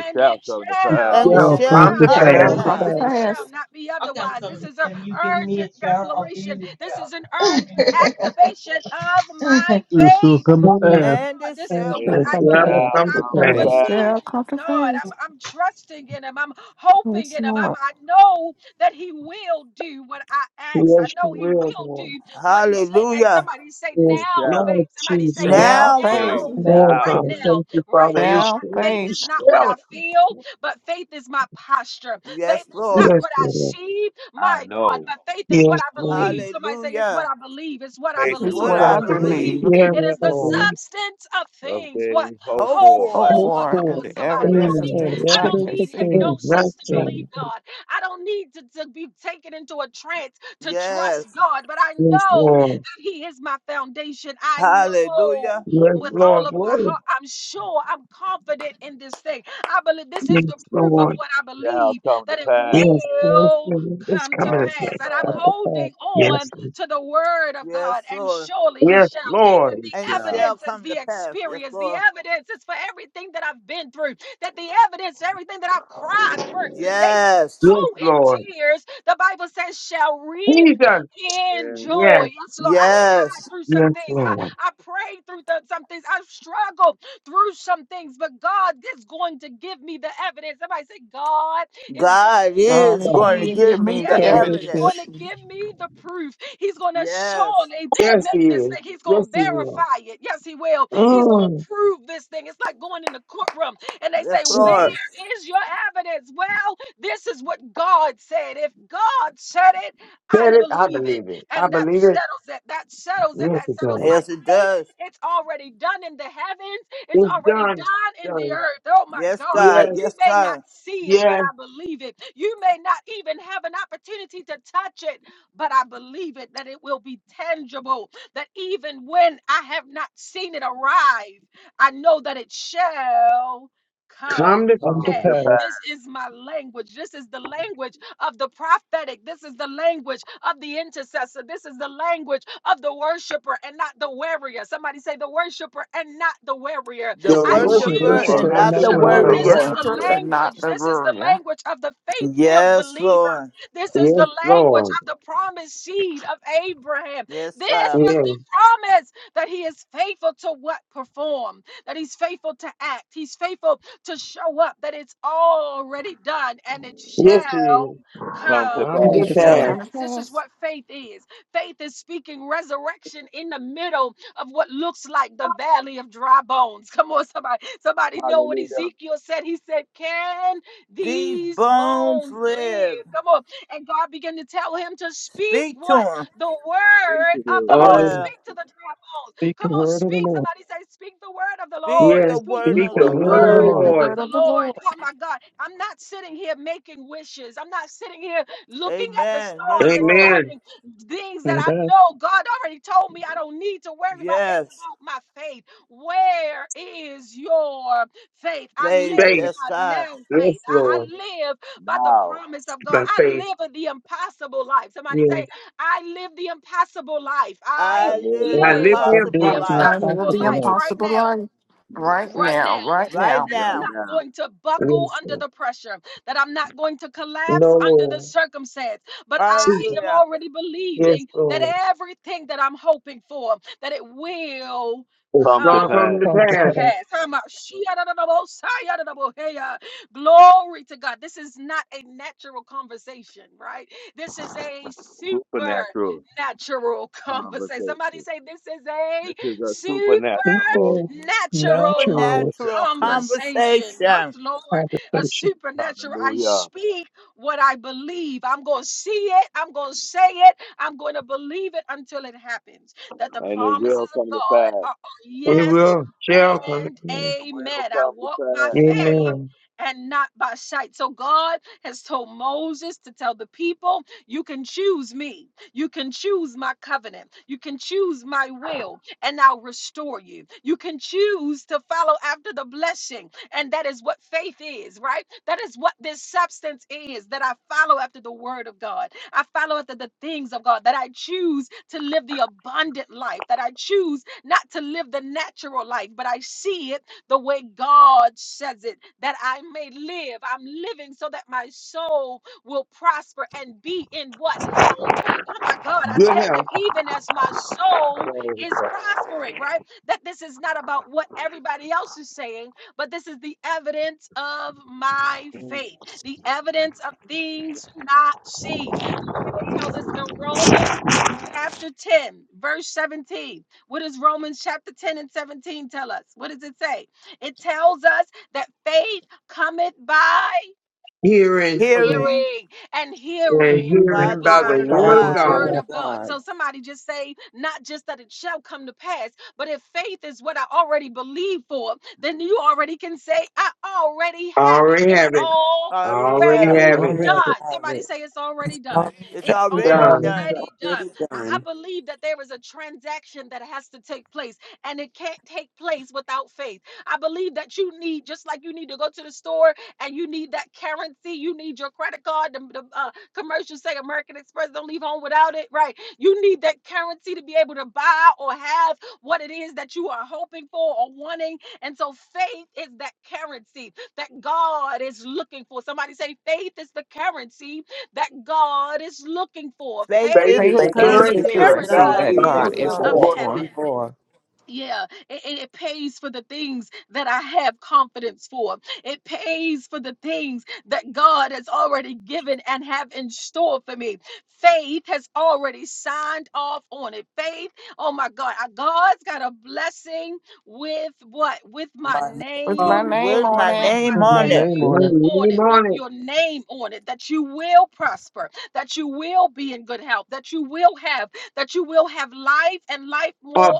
Speaker 5: It
Speaker 1: and it
Speaker 5: shall come to pass.
Speaker 6: And
Speaker 1: shall
Speaker 6: it
Speaker 2: shall
Speaker 7: shall come
Speaker 6: shall
Speaker 2: come
Speaker 7: to
Speaker 2: to
Speaker 1: come to
Speaker 6: come
Speaker 5: Come
Speaker 6: to
Speaker 2: pass.
Speaker 4: Shall
Speaker 5: to
Speaker 9: come
Speaker 7: pass.
Speaker 9: to
Speaker 4: come
Speaker 1: pass
Speaker 4: to
Speaker 6: pass.
Speaker 1: and
Speaker 5: pass.
Speaker 1: it
Speaker 9: pass,
Speaker 1: shall
Speaker 4: pass,
Speaker 1: not be otherwise. This is an urgent declaration, this is an urgent activation of my
Speaker 7: It shall
Speaker 1: faith.
Speaker 7: come to
Speaker 2: Mm,
Speaker 1: Oh,
Speaker 7: pass.
Speaker 6: And
Speaker 1: God,
Speaker 6: it
Speaker 1: this is
Speaker 9: and
Speaker 1: a,
Speaker 6: shall
Speaker 5: It
Speaker 9: shall
Speaker 1: what
Speaker 2: It
Speaker 6: come to
Speaker 1: I
Speaker 9: come to
Speaker 6: pass.
Speaker 2: shall
Speaker 1: believe
Speaker 9: pass.
Speaker 5: shall
Speaker 1: that
Speaker 2: come to
Speaker 1: I'm
Speaker 5: come
Speaker 4: and
Speaker 5: to
Speaker 4: it
Speaker 2: pass.
Speaker 5: pass.
Speaker 4: shall come
Speaker 1: believing
Speaker 4: to
Speaker 1: God.
Speaker 4: pass.
Speaker 1: I'm, I'm trusting in Him. I'm hoping
Speaker 4: Yes,
Speaker 1: in Him. I'm,
Speaker 4: Lord.
Speaker 1: I know that He will do what I ask. I
Speaker 2: Yes, you
Speaker 1: know He will
Speaker 2: will, Lord.
Speaker 1: do what he said. And
Speaker 6: Hallelujah.
Speaker 1: somebody say
Speaker 2: Yes,
Speaker 5: It
Speaker 1: now
Speaker 5: shall.
Speaker 1: faith.
Speaker 2: Lord
Speaker 1: Somebody say
Speaker 2: Jesus.
Speaker 4: Now
Speaker 5: Now
Speaker 6: Now
Speaker 4: faith,
Speaker 6: faith.
Speaker 5: faith.
Speaker 1: now
Speaker 9: And I
Speaker 1: faith.
Speaker 2: Oh
Speaker 5: Now
Speaker 1: Right
Speaker 2: God,
Speaker 9: also,
Speaker 5: faith.
Speaker 1: now,
Speaker 2: thank you,
Speaker 1: right
Speaker 2: Father.
Speaker 1: now.
Speaker 2: It's
Speaker 4: now
Speaker 1: That
Speaker 2: surely,
Speaker 1: faith is
Speaker 4: faith
Speaker 2: it's
Speaker 1: not what I
Speaker 2: surely.
Speaker 1: feel, but faith is my posture. Faith
Speaker 6: Yes,
Speaker 1: is not
Speaker 6: Lord.
Speaker 2: Yes,
Speaker 1: what I
Speaker 2: Lord.
Speaker 1: see,
Speaker 5: I
Speaker 1: my God,
Speaker 5: know.
Speaker 1: but faith is what
Speaker 2: Yes,
Speaker 1: I
Speaker 2: Lord.
Speaker 1: believe. Somebody say it's what
Speaker 6: Hallelujah.
Speaker 1: I believe. It's what I
Speaker 5: Faith
Speaker 6: It's
Speaker 5: is
Speaker 4: is
Speaker 1: believe.
Speaker 5: what
Speaker 6: what
Speaker 4: what
Speaker 1: It's
Speaker 9: what
Speaker 6: I
Speaker 9: I
Speaker 4: I
Speaker 5: I
Speaker 1: what I
Speaker 5: believe
Speaker 9: believe,
Speaker 4: believe,
Speaker 1: believe.
Speaker 6: believe.
Speaker 2: Yes,
Speaker 1: It is
Speaker 9: what
Speaker 1: the
Speaker 9: I
Speaker 2: Lord.
Speaker 9: believe,
Speaker 1: substance of
Speaker 5: of
Speaker 1: things. What
Speaker 5: things hoped
Speaker 6: Hope
Speaker 1: hope
Speaker 5: for.
Speaker 4: hope
Speaker 6: for.
Speaker 9: hope
Speaker 1: for?
Speaker 4: for,
Speaker 1: Come
Speaker 4: and
Speaker 9: for,
Speaker 1: on,
Speaker 4: the
Speaker 5: The
Speaker 1: somebody. I
Speaker 4: evidence
Speaker 1: don't
Speaker 4: of
Speaker 5: evidence
Speaker 2: Mm,
Speaker 1: need.
Speaker 9: and
Speaker 4: things
Speaker 9: the
Speaker 1: I
Speaker 4: not
Speaker 1: don't
Speaker 9: evidence
Speaker 2: Jesus.
Speaker 4: yet
Speaker 9: of
Speaker 1: need
Speaker 2: Yes,
Speaker 4: seen.
Speaker 9: things
Speaker 2: that
Speaker 1: hypnosis to
Speaker 9: not
Speaker 1: believe
Speaker 2: thing.
Speaker 9: seen
Speaker 1: God. I don't need to, to be taken into a trance to
Speaker 6: Yes.
Speaker 1: trust God, but I
Speaker 2: Yes,
Speaker 1: know
Speaker 2: Lord.
Speaker 1: that He is my foundation. I
Speaker 6: Hallelujah.
Speaker 1: know
Speaker 5: of
Speaker 2: Yes,
Speaker 5: the
Speaker 1: with
Speaker 5: Lord
Speaker 1: all
Speaker 2: Lord.
Speaker 1: of my
Speaker 2: Lord.
Speaker 1: heart. I'm sure, I'm confident in this thing. I believe this is
Speaker 2: Yes,
Speaker 1: the proof of
Speaker 2: Lord.
Speaker 1: what I
Speaker 5: shall
Speaker 1: believe
Speaker 5: come to
Speaker 1: that it
Speaker 5: pass.
Speaker 2: Yes, yes, Lord.
Speaker 1: will
Speaker 2: It's
Speaker 1: come to
Speaker 2: coming to
Speaker 5: Come to
Speaker 1: pass.
Speaker 2: pass.
Speaker 1: And I'm
Speaker 9: come
Speaker 5: pass.
Speaker 9: to pass.
Speaker 1: holding
Speaker 2: Yes,
Speaker 1: on
Speaker 2: Lord.
Speaker 1: to the word of
Speaker 6: Yes,
Speaker 1: God, and
Speaker 6: Lord.
Speaker 1: surely He
Speaker 2: Yes,
Speaker 1: shall.
Speaker 2: Lord.
Speaker 1: That
Speaker 5: It
Speaker 1: the
Speaker 6: And it
Speaker 5: shall.
Speaker 6: shall
Speaker 1: evidence is
Speaker 6: come to
Speaker 1: the
Speaker 6: pass. Yes,
Speaker 1: experience, the
Speaker 6: Lord.
Speaker 1: evidence is for everything that I've been through, that the evidence, everything that I've cried through. They
Speaker 6: Yes.
Speaker 2: Yes,
Speaker 1: sow in
Speaker 2: Lord.
Speaker 1: tears, the Bible says, shall reap
Speaker 2: Jesus.
Speaker 1: in
Speaker 5: And
Speaker 1: joy.
Speaker 2: Yes.
Speaker 1: Yes, Lord, I cried
Speaker 6: Yes.
Speaker 1: through some
Speaker 2: Yes,
Speaker 1: things.
Speaker 2: Lord.
Speaker 1: I, I prayed through th- some things. I've struggled through some things, but God is going to give me the evidence. Somebody say, God is going
Speaker 6: God
Speaker 1: to
Speaker 4: God
Speaker 1: give
Speaker 6: is
Speaker 4: is
Speaker 2: God.
Speaker 6: going
Speaker 4: going
Speaker 6: to
Speaker 4: to
Speaker 1: me
Speaker 6: give
Speaker 4: give
Speaker 6: me
Speaker 4: me
Speaker 1: the
Speaker 6: the
Speaker 4: the
Speaker 1: evidence.
Speaker 9: God is
Speaker 1: He's
Speaker 6: evidence.
Speaker 9: it,
Speaker 1: going
Speaker 4: evidence,
Speaker 1: to give me the proof. He's going to
Speaker 6: Yes.
Speaker 1: surely
Speaker 2: Yes,
Speaker 1: make
Speaker 2: He
Speaker 1: this
Speaker 2: is.
Speaker 1: thing. He's going
Speaker 2: Yes,
Speaker 1: to
Speaker 2: He will.
Speaker 1: verify it. Yes, He will. He's going
Speaker 2: Mm,
Speaker 1: to prove this thing. It's like going in the courtroom and they
Speaker 6: Yes,
Speaker 1: say,
Speaker 2: Jesus.
Speaker 1: Where
Speaker 6: Lord.
Speaker 1: is your evidence? Well, this is what God said. If God said it, I
Speaker 2: Said it. I
Speaker 1: believe it.
Speaker 2: believe it. I
Speaker 1: And that
Speaker 2: believe it.
Speaker 1: settles it. That settles it.
Speaker 2: Yes,
Speaker 1: That
Speaker 2: it
Speaker 1: settles my
Speaker 2: does.
Speaker 6: Yes, it
Speaker 1: case.
Speaker 6: does.
Speaker 1: It's already done in the heavens, it's
Speaker 2: It's
Speaker 1: already
Speaker 2: done. It's
Speaker 1: done in the
Speaker 2: Done.
Speaker 1: earth. Oh my
Speaker 6: Yes,
Speaker 1: God.
Speaker 6: God.
Speaker 2: Yes,
Speaker 1: You
Speaker 6: Yes,
Speaker 1: may not
Speaker 6: God.
Speaker 1: see it, but
Speaker 2: yes.
Speaker 1: I believe it. You may not even have an opportunity to touch it, but I believe it that it will be tangible. That even when I have not seen it arrive, I know that it shall come
Speaker 2: Come to
Speaker 1: to
Speaker 9: come
Speaker 5: come
Speaker 9: to
Speaker 1: pass.
Speaker 2: pass.
Speaker 5: to
Speaker 9: pass.
Speaker 5: pass.
Speaker 1: This is my language. This is the language of the prophetic. This is the language of the intercessor. This is the language of the worshiper and not the warrior. Somebody say the worshiper and not the warrior.
Speaker 6: The
Speaker 2: The
Speaker 1: I
Speaker 5: The
Speaker 9: The
Speaker 2: worshiper
Speaker 6: worshiper
Speaker 1: choose
Speaker 5: worshiper
Speaker 1: to
Speaker 2: and
Speaker 6: and
Speaker 9: worshiper
Speaker 2: not
Speaker 9: and
Speaker 6: not
Speaker 2: the
Speaker 9: not
Speaker 6: the
Speaker 9: the
Speaker 5: and
Speaker 1: worship.
Speaker 5: not
Speaker 2: warrior.
Speaker 4: the
Speaker 5: the
Speaker 9: worrier,
Speaker 1: This is
Speaker 6: warrior.
Speaker 1: the
Speaker 4: worshiper
Speaker 5: warrior.
Speaker 4: and not
Speaker 1: language.
Speaker 4: the
Speaker 1: This is the
Speaker 4: warrior,
Speaker 1: language of the faith filled
Speaker 6: Yes,
Speaker 1: believer.
Speaker 6: Lord.
Speaker 1: This is
Speaker 2: Yes,
Speaker 1: the language
Speaker 2: Lord.
Speaker 1: of the promised seed of Abraham.
Speaker 6: Yes,
Speaker 1: This
Speaker 6: God.
Speaker 1: is
Speaker 2: Yes.
Speaker 1: the promise that he is faithful to what perform, that he's faithful to act, he's faithful to show up that it's already done and it
Speaker 2: Yes, it
Speaker 1: shall
Speaker 2: is.
Speaker 5: Come
Speaker 1: come
Speaker 5: to
Speaker 2: Come
Speaker 4: and
Speaker 9: come
Speaker 4: it
Speaker 5: pass.
Speaker 2: to
Speaker 9: to
Speaker 4: shall
Speaker 1: to
Speaker 9: pass.
Speaker 2: pass.
Speaker 4: come to
Speaker 1: pass. This is
Speaker 4: pass.
Speaker 1: what faith is. Faith is speaking resurrection in the middle of what looks like the valley of dry bones. [laughs] Come on, somebody. Somebody know what
Speaker 5: Hallelujah.
Speaker 1: Ezekiel said. He said, Can
Speaker 6: These
Speaker 1: these
Speaker 6: bones
Speaker 1: bones
Speaker 6: live.
Speaker 1: live? Come on. And God began to tell him to speak
Speaker 6: Speak to
Speaker 1: what?
Speaker 6: them.
Speaker 1: The
Speaker 5: Thank
Speaker 1: word
Speaker 5: you,
Speaker 1: of
Speaker 5: dear
Speaker 1: the
Speaker 2: On
Speaker 1: Lord.
Speaker 2: the,
Speaker 5: Lord.
Speaker 6: Yeah.
Speaker 1: Speak to the dry bones.
Speaker 9: Speak the
Speaker 1: Come on,
Speaker 9: word of the
Speaker 1: speak.
Speaker 9: Lord.
Speaker 1: Somebody say, Speak the word of the
Speaker 6: Speak
Speaker 1: Lord.
Speaker 2: yes.
Speaker 6: the
Speaker 5: This
Speaker 1: Speak
Speaker 6: word
Speaker 9: Speak
Speaker 5: is
Speaker 2: Speak
Speaker 6: of
Speaker 9: the
Speaker 5: what
Speaker 2: the
Speaker 6: the
Speaker 1: the
Speaker 2: word
Speaker 9: word of the
Speaker 2: of
Speaker 1: word
Speaker 6: Lord.
Speaker 4: Speak
Speaker 2: the
Speaker 4: the
Speaker 9: Lord.
Speaker 5: Lord
Speaker 2: Lord.
Speaker 1: of
Speaker 4: word
Speaker 1: the
Speaker 4: of the Lord.
Speaker 1: Lord. Oh my God. I'm not sitting here making wishes. I'm not sitting here looking at the
Speaker 6: Amen. Yes,
Speaker 1: stars and
Speaker 6: Lord.
Speaker 2: Amen.
Speaker 1: counting things that
Speaker 9: And
Speaker 1: I
Speaker 9: that
Speaker 1: know God already told me I don't need to worry about. It's
Speaker 6: Yes.
Speaker 1: about my faith. Where is your faith? I
Speaker 6: Praise,
Speaker 5: says.
Speaker 2: Faith.
Speaker 6: yes,
Speaker 1: live by
Speaker 6: God.
Speaker 1: now faith.
Speaker 2: Yes,
Speaker 1: I, I
Speaker 2: Lord.
Speaker 1: live by the
Speaker 5: Now,
Speaker 1: promise of God.
Speaker 2: By faith.
Speaker 1: I live the impossible life. Somebody
Speaker 2: Yes.
Speaker 1: say, I live the impossible life. I
Speaker 5: I
Speaker 6: I
Speaker 5: live
Speaker 2: And
Speaker 6: live
Speaker 2: I
Speaker 6: the
Speaker 5: the
Speaker 2: live
Speaker 1: live
Speaker 9: I
Speaker 2: the
Speaker 1: the
Speaker 9: did
Speaker 6: possible
Speaker 5: impossible
Speaker 9: the
Speaker 2: impossible.
Speaker 6: life
Speaker 4: I live
Speaker 1: impossible
Speaker 4: the
Speaker 1: life
Speaker 9: impossible life
Speaker 1: right
Speaker 4: impossible
Speaker 1: now.
Speaker 4: life right
Speaker 1: Right now.
Speaker 4: now, right
Speaker 6: right
Speaker 4: now.
Speaker 1: I'm
Speaker 5: right
Speaker 6: now.
Speaker 1: not
Speaker 5: now.
Speaker 1: going to buckle
Speaker 2: Yes,
Speaker 1: under
Speaker 2: Lord.
Speaker 1: the pressure, that I'm not going to
Speaker 2: No,
Speaker 1: collapse under the
Speaker 2: Lord.
Speaker 1: circumstance. But I
Speaker 2: Jesus.
Speaker 1: am
Speaker 6: Hallelujah.
Speaker 1: already
Speaker 2: Yes,
Speaker 1: believing that
Speaker 2: Lord.
Speaker 1: everything that I'm hoping for, that it will
Speaker 2: It's
Speaker 5: Come to
Speaker 2: going to
Speaker 1: come
Speaker 2: come
Speaker 5: pass.
Speaker 2: to
Speaker 9: come to
Speaker 1: to
Speaker 2: pass.
Speaker 9: pass.
Speaker 1: pass. Hama- Shia da da da bo, Saya da da bo, heya. Glory to God. This is not a natural conversation, right? This is a
Speaker 5: Supernatural
Speaker 1: supernatural conversation. Somebody
Speaker 5: conversation.
Speaker 1: say, This is a
Speaker 5: This is a
Speaker 9: This
Speaker 5: supernatural
Speaker 9: is
Speaker 1: supernatural
Speaker 9: natural
Speaker 6: Supernatural
Speaker 5: conversation.
Speaker 1: conversation. Yes,
Speaker 6: conversation,
Speaker 1: Lord, a
Speaker 9: conversation.
Speaker 1: supernatural. I
Speaker 5: Hallelujah.
Speaker 1: speak what I believe. I'm going to see it. I'm going to say it. I'm going to believe it until it happens. That the
Speaker 5: And it
Speaker 1: promises
Speaker 5: will come
Speaker 1: of
Speaker 5: to
Speaker 1: God
Speaker 5: pass.
Speaker 1: are are
Speaker 2: It
Speaker 1: yes
Speaker 2: will. Shall come to
Speaker 1: and
Speaker 2: pass.
Speaker 5: It will
Speaker 1: amen. I
Speaker 5: come to
Speaker 1: walk by
Speaker 5: pass.
Speaker 1: faith.
Speaker 2: Amen.
Speaker 1: And not by sight. So God has told Moses to tell the people, You can choose me. You can choose my covenant. You can choose my will and I'll restore you. You can choose to follow after the blessing. And that is what faith is, right? That is what this substance is that I follow after the word of God. I follow after the things of God, that I choose to live the abundant life, that I choose not to live the natural life, but I see it the way God says it, that I may live. I'm living so that my soul will prosper and be in what health. Oh my God, I
Speaker 2: Good
Speaker 1: thank
Speaker 2: health.
Speaker 1: Him, even as my soul
Speaker 5: Praise
Speaker 1: is prospering, right? That this is not about what everybody else is saying, but this is the evidence of my
Speaker 5: God.
Speaker 1: faith, the evidence of things not seen. The Bible tells us in Romans chapter 10, verse 17. What does Romans chapter 10 and 17 tell us? What does it say? It tells us that faith cometh by
Speaker 2: hearing
Speaker 9: I will,
Speaker 6: hearing
Speaker 1: hearing, and
Speaker 9: I
Speaker 1: hearing.
Speaker 2: and
Speaker 9: will,
Speaker 6: by
Speaker 2: hearing
Speaker 6: the
Speaker 2: by
Speaker 1: by
Speaker 2: the
Speaker 6: word
Speaker 9: by
Speaker 6: of
Speaker 9: the
Speaker 11: by
Speaker 2: word
Speaker 11: the
Speaker 2: of
Speaker 1: the
Speaker 9: word
Speaker 6: God.
Speaker 9: of
Speaker 11: word
Speaker 1: word
Speaker 2: God.
Speaker 11: of
Speaker 9: God.
Speaker 1: of God.
Speaker 11: God.
Speaker 1: So somebody just say, not just that it shall come to pass, but if faith is what I already believe for, then you already can say, I already
Speaker 2: I
Speaker 1: have it.
Speaker 2: already
Speaker 1: It's
Speaker 2: have it.
Speaker 1: all
Speaker 2: I
Speaker 6: I already
Speaker 9: I
Speaker 2: already
Speaker 6: have
Speaker 11: I
Speaker 6: it.
Speaker 1: already
Speaker 2: have
Speaker 9: already
Speaker 2: it.
Speaker 9: have
Speaker 11: already
Speaker 9: it.
Speaker 1: done.
Speaker 11: have
Speaker 1: Somebody
Speaker 11: it,
Speaker 1: say it's already
Speaker 3: Lord,
Speaker 1: done.
Speaker 6: It's
Speaker 3: I
Speaker 1: It's
Speaker 9: Yes, I
Speaker 6: already
Speaker 2: Done.
Speaker 9: remember
Speaker 6: done.
Speaker 1: already
Speaker 9: that.
Speaker 1: done.
Speaker 11: already
Speaker 1: I I
Speaker 11: done.
Speaker 1: believe that there is a transaction that has to take place and it can't take place without faith. I believe that you need, just like you need to go to the store and you need that currency, you need your credit card, the, the, uh, commercial say American Express, don't leave home without it, right? You need that currency to be able to buy or have what it is that you are hoping for or wanting. And so faith is that currency that God is looking for. Somebody say, faith is the currency that God is looking for.
Speaker 6: Faith
Speaker 2: Faith
Speaker 1: Faith
Speaker 6: is
Speaker 2: is
Speaker 6: the
Speaker 4: Faith
Speaker 2: the
Speaker 3: thank you.
Speaker 1: is
Speaker 3: for
Speaker 11: Faith
Speaker 4: is
Speaker 3: The
Speaker 1: the
Speaker 4: the
Speaker 11: is
Speaker 6: currency
Speaker 2: currency
Speaker 11: the
Speaker 3: service
Speaker 6: that
Speaker 2: that
Speaker 4: currency
Speaker 6: God
Speaker 1: currency
Speaker 2: God
Speaker 4: that
Speaker 11: currency
Speaker 2: is
Speaker 3: God
Speaker 4: God
Speaker 6: is
Speaker 11: that
Speaker 3: is
Speaker 2: looking
Speaker 4: is
Speaker 3: looking
Speaker 11: God
Speaker 1: of
Speaker 6: looking
Speaker 11: is
Speaker 4: looking
Speaker 2: for.
Speaker 3: for
Speaker 4: for.
Speaker 6: for
Speaker 11: looking
Speaker 1: heaven.
Speaker 11: for.
Speaker 1: Yeah, it, it it pays for the things that I have confidence for. It pays for the things that God has already given and have in store for me. Faith has already signed off on it. Faith, oh my God, uh, God's got a blessing with what? With my
Speaker 3: my name
Speaker 4: With
Speaker 3: on
Speaker 4: my
Speaker 1: name
Speaker 3: it,
Speaker 4: name
Speaker 1: on
Speaker 6: with
Speaker 1: it.
Speaker 4: on
Speaker 6: my
Speaker 1: With
Speaker 4: it,
Speaker 1: my
Speaker 6: name
Speaker 9: With my
Speaker 6: on it.
Speaker 9: name
Speaker 2: We
Speaker 1: name
Speaker 9: on it.
Speaker 1: on
Speaker 2: lean
Speaker 1: it. With
Speaker 2: on it
Speaker 1: your name on it. That you will prosper. That you will be in good health. That you will have that you will have life and life more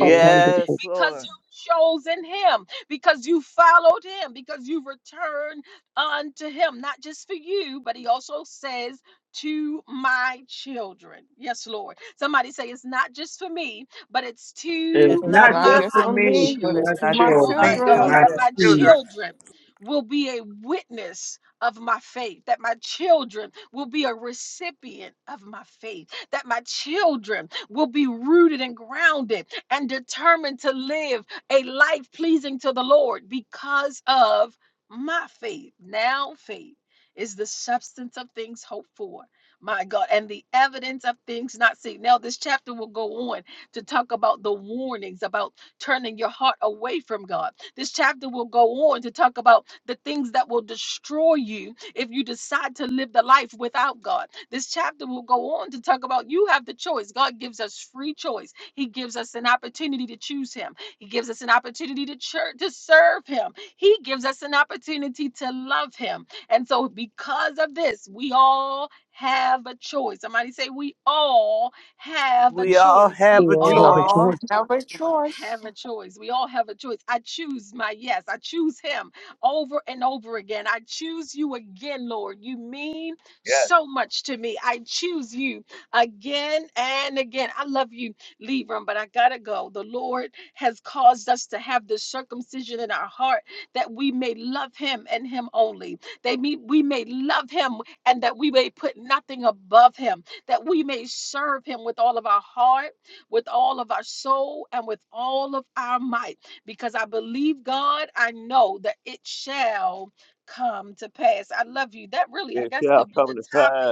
Speaker 9: Up I'm grateful.
Speaker 1: because
Speaker 6: Lord.
Speaker 1: you've chosen him, because you followed him, because you've returned unto him, not just for you, but he also says, to my children. Yes, Lord. Somebody say it's not just for me, but it's
Speaker 2: It's
Speaker 1: to
Speaker 6: It's
Speaker 4: it's
Speaker 2: not
Speaker 6: not
Speaker 4: not
Speaker 1: my
Speaker 2: just
Speaker 6: just
Speaker 4: just
Speaker 2: for
Speaker 6: for
Speaker 4: for
Speaker 2: me,
Speaker 4: me,
Speaker 2: it's
Speaker 6: me,
Speaker 2: for
Speaker 4: but it's
Speaker 2: my
Speaker 1: children.
Speaker 4: to
Speaker 3: not
Speaker 4: my
Speaker 6: it's
Speaker 1: Oh
Speaker 3: just
Speaker 6: my
Speaker 1: my
Speaker 3: me,
Speaker 2: children,
Speaker 3: but
Speaker 1: God,
Speaker 4: children.
Speaker 2: my
Speaker 1: that
Speaker 3: some
Speaker 6: children.
Speaker 1: my
Speaker 2: kids.
Speaker 3: children.
Speaker 1: children will be a witness of my faith, that my children will be a recipient of my faith that my children will be rooted and grounded and determined to live a life pleasing to the Lord because of my faith. Now, faith is the substance of things hoped for. My God, and the evidence of things not seen. Now, this chapter will go on to talk about the warnings about turning your heart away from God. This chapter will go on to talk about the things that will destroy you if you decide to live the life without God. This chapter will go on to talk about you have the choice. God gives us free choice. He gives us an opportunity to choose him. He gives us an opportunity to church to serve him. He gives us an opportunity to love him. And so because of this, we all have a choice. Somebody say we all have a
Speaker 6: We all
Speaker 1: choice.
Speaker 9: We
Speaker 6: have
Speaker 1: We
Speaker 6: a
Speaker 9: all
Speaker 4: We
Speaker 9: have a
Speaker 1: all
Speaker 6: choice.
Speaker 4: all
Speaker 9: choice.
Speaker 4: have a choice.
Speaker 1: have a choice. We all have a choice. I choose my yes. I choose him over and over again. I choose you again, Lord. You mean
Speaker 5: Yes,
Speaker 1: so much to me. I choose you again and again. I love you, Libram, but I gotta go. The Lord has caused us to have this circumcision in our heart that we may love him and him only. They we, we may love him and that we may put nothing above him, that we may serve him with all of our heart with all of our soul and with all of our might. Because I believe God, I know that it shall come to pass. I love you. That really, I
Speaker 5: it
Speaker 1: guess,
Speaker 5: shall
Speaker 1: could be
Speaker 5: come
Speaker 1: the
Speaker 5: to pass.
Speaker 1: topic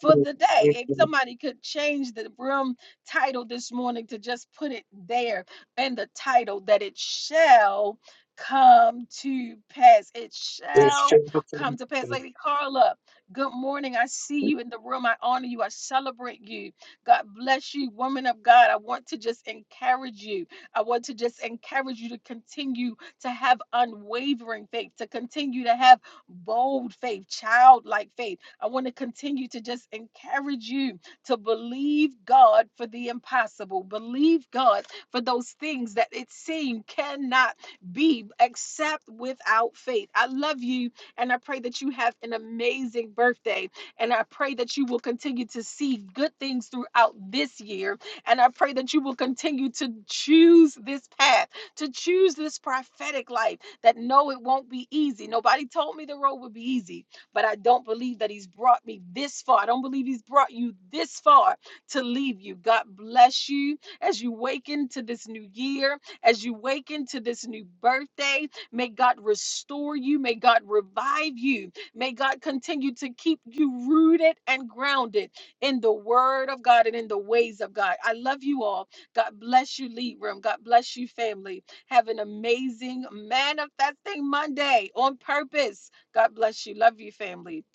Speaker 1: for the day.
Speaker 2: It's
Speaker 1: If somebody could change the room title this morning to just put it there in the title that it shall come to pass. It
Speaker 2: it's
Speaker 1: shall come
Speaker 2: children.
Speaker 1: to pass. Lady Carla, good morning. I see you in the room. I honor you. I celebrate you. God bless you, woman of God. I want to just encourage you. I want to just encourage you to continue to have unwavering faith, to continue to have bold faith, childlike faith. I want to continue to just encourage you to believe God for the impossible, believe God for those things that it seems cannot be except without faith. I love you and I pray that you have an amazing birthday. And I pray that you will continue to see good things throughout this year. And I pray that you will continue to choose this path, to choose this prophetic life that no, it won't be easy. Nobody told me the road would be easy, but I don't believe that He's brought me this far. I don't believe He's brought you this far to leave you. God bless you as you wake into this new year, as you wake into this new birthday. May God restore you. May God revive you May God continue to keep you rooted and grounded in the word of God and in the ways of God. I love you all. God bless you, Lead Room. God bless you, family. Have an amazing manifesting Monday on purpose. God bless you. Love you, family.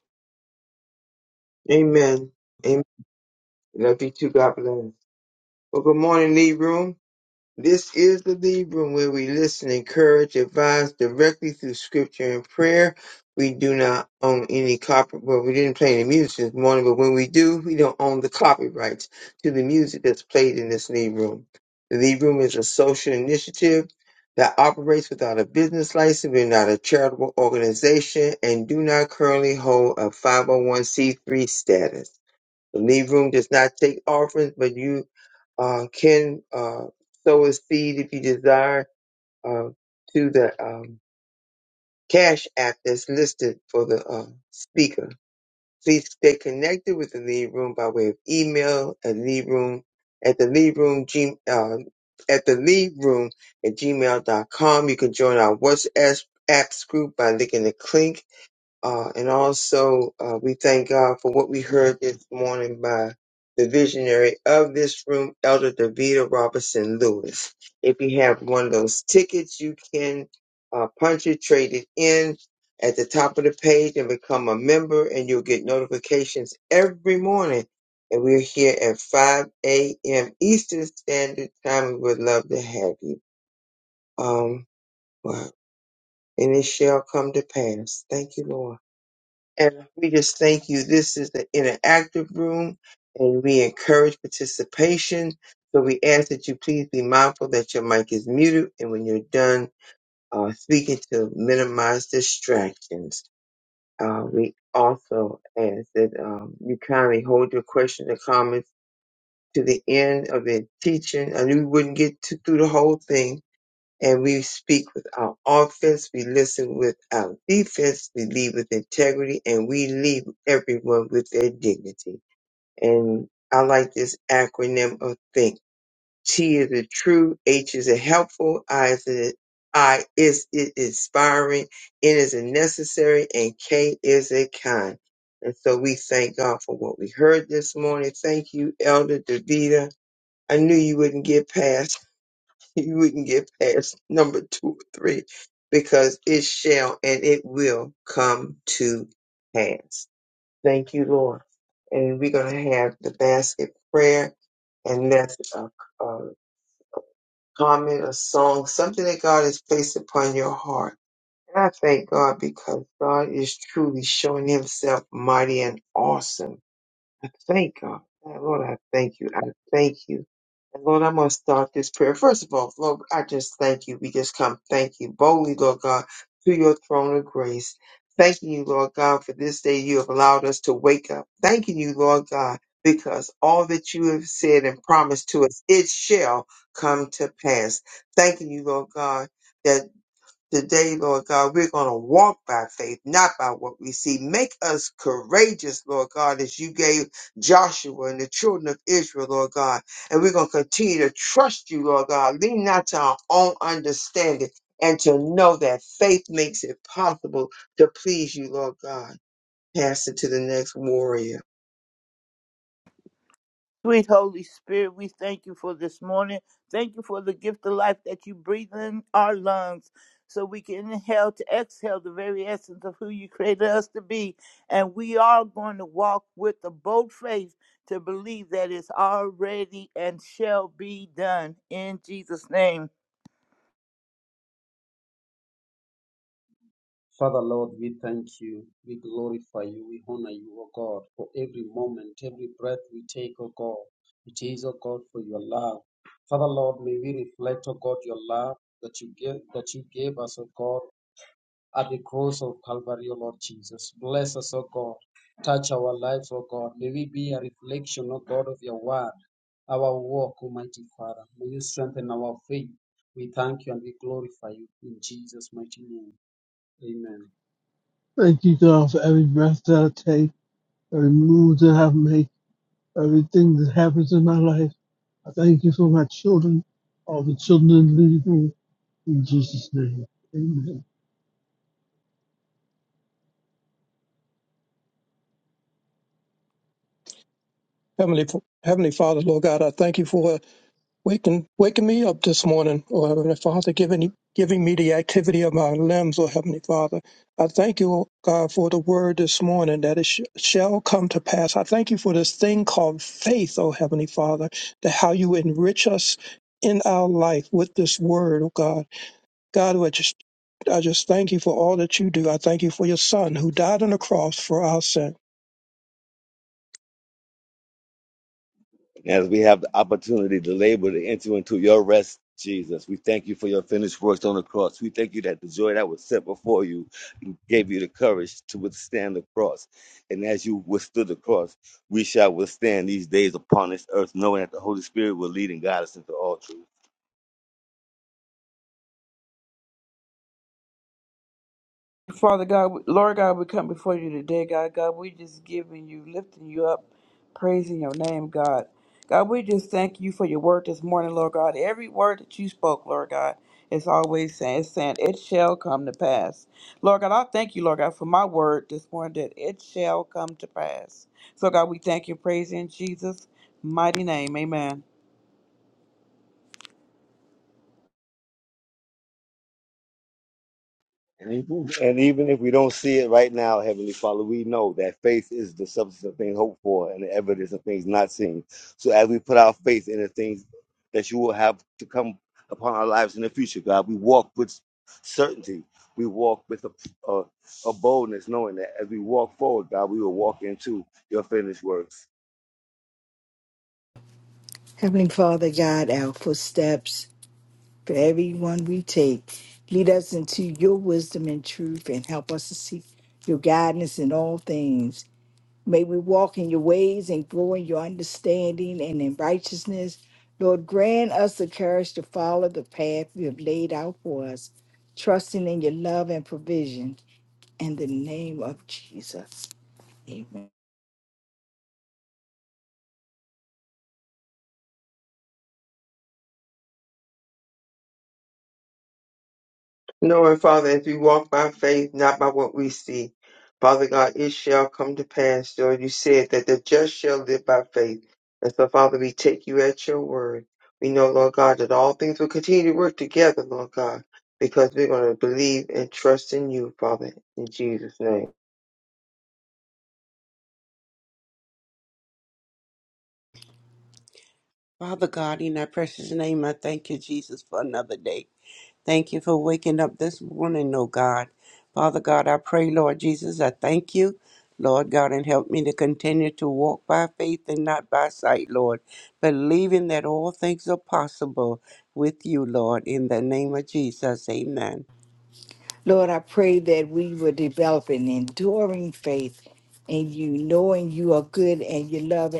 Speaker 2: Amen. Amen. Love you too. God bless. Well, good morning, Lee Room. This is the Lead Room where we listen, encourage, advise directly through scripture and prayer. We do not own any copyright. Well, we didn't play any music this morning, but when we do, we don't own the copyrights to the music that's played in this Lead Room. The Lead Room is a social initiative that operates without a business license. We're not a charitable organization and do not currently hold a 501c3 status. The lead room does not take offerings, but you uh, can uh, sow a seed if you desire uh, to the um, cash app that's listed for the uh, speaker. Please stay connected with the lead room by way of email at lead room at the lead room g, uh, at the lead room at gmail.com. You can join our WhatsApp apps group by linking the link uh, and also, uh, we thank God for what we heard this morning by the visionary of this room, Elder Davida Robertson Lewis. If you have one of those tickets, you can uh, punch it, trade it in at the top of the page and become a member, and you'll get notifications every morning. And we're here at 5 a.m. Eastern Standard Time. We would love to have you. Um, wow. And it shall come to pass. Thank you, Lord. And we just thank you. This is the interactive room and we encourage participation. So we ask that you please be mindful that your mic is muted and when you're done uh, speaking to minimize distractions. Uh, we also ask that um, you kindly hold your questions and comments to the end of the teaching. I knew we wouldn't get to, through the whole thing, and we speak with our offense, we listen with our defense, we lead with integrity, and we lead everyone with their dignity. And I like this acronym of THINK. T is a true, H is a helpful, I is a I is it inspiring, N is a necessary, and K is a kind. And so we thank God for what we heard this morning. Thank you, Elder Davida. I knew you wouldn't get past. [laughs] If we can get past number two or three because it shall and it will come to pass. Thank you, Lord. And we're going to have the basket prayer and that's a, a comment, a song, something that God has placed upon your heart. And I thank God because God is truly showing himself mighty and awesome I thank God. Uh, Lord, I thank you. I thank you. And Lord, I'm going to start this prayer. First of all, Lord, I just thank you. We just come thank you boldly, Lord God, to your throne of grace. Thanking you, Lord God, for this day you have allowed us to wake up. Thanking you, Lord God, because all that you have said and promised to us, it shall come to pass. Thanking you, Lord God. Today, Lord God, we're going to walk by faith, not by what we see. Make us courageous, Lord God, as you gave Joshua and the children of Israel, Lord God. And we're going to continue to trust you, Lord God. Lean not to our own understanding and to know that faith makes it possible to please you, Lord God. Pass it to the next warrior.
Speaker 6: Sweet Holy Spirit, we thank you for this morning. Thank you for the gift of life that you breathe in our lungs so we can inhale to exhale the very essence of who you created us to be. And we are going to walk with a bold faith to believe that it's already and shall be done in Jesus' name.
Speaker 12: Father Lord, we thank you, we glorify you, we honor you, O God, for every moment, every breath we take, O God. It is, O God, for your love. Father Lord, may we reflect, O God, your love that you gave that you gave us, O God, at the cross of Calvary, O Lord Jesus. Bless us, O God. Touch our lives, O God. May we be a reflection, O God, of your word, our walk, Almighty Father. May you strengthen our faith. We thank you and we glorify you in Jesus' mighty name. Amen.
Speaker 7: Thank you, God, for every breath that I take, every move that I make, everything that happens in my life. I thank you for my children, all the children leading me in Jesus' name. Amen.
Speaker 9: Heavenly, F- Heavenly Father, Lord God, I thank you for waking waking me up this morning, or Heavenly Father, giving giving me the activity of my limbs, or Heavenly Father. I thank you, oh God, for the word this morning that it sh- shall come to pass. I thank you for this thing called faith, oh Heavenly Father, that how you enrich us in our life with this word, oh God. God, I just, I just thank you for all that you do. I thank you for your son who died on the cross for our sin.
Speaker 5: As we have the opportunity to labor to enter into your rest, Jesus, we thank you for your finished works on the cross. We thank you that the joy that was set before you gave you the courage to withstand the cross. And as you withstood the cross, we shall withstand these days upon this earth, knowing that the Holy Spirit will lead and guide us into all truth.
Speaker 3: Father God, we- Lord God, we come before you today, God. God, we just giving you, lifting you up, praising your name, God. God, we just thank you for your word this morning, Lord God. Every word that you spoke, Lord God, is always saying, it's saying, it shall come to pass. Lord God, I thank you, Lord God, for my word this morning that it shall come to pass. So, God, we thank you, praise in Jesus' mighty name. Amen.
Speaker 5: And even, and even if we don't see it right now, Heavenly Father, we know that faith is the substance of things hoped for and the evidence of things not seen. So as we faith in the things that you will have to come upon our lives in the future, God. We walk with certainty. We walk with a, a, a boldness, knowing that as we walk forward, God, we will walk into your finished works.
Speaker 10: Heavenly Father, guide our footsteps for every one we take. Lead us into your wisdom and truth and help us to seek your guidance in all things. May we walk in your ways and grow in your understanding and in righteousness. Lord, grant us the courage to follow the path you have laid out for us, trusting in your love and provision. In the name of Jesus. Amen.
Speaker 2: Knowing, Father, if you walk by faith, not by what we see, Father God, it shall come to pass. Lord, you said that the just shall live by faith. And so, Father, we take you at your word. We know, Lord God, that all things will continue to work together, Lord God, because we're going to believe and trust in you, Father, in Jesus' name.
Speaker 11: Father God, in thy precious name, I thank you, Jesus, for another day. Thank you for waking up this morning, oh God. Father God, I pray, Lord Jesus, I thank you. Lord God, and help me to continue to walk by faith and not by sight, Lord, believing that all things are possible with you, Lord, in the name of Jesus. Amen.
Speaker 10: Lord, I pray that we will develop an enduring faith in you, knowing you are good and your love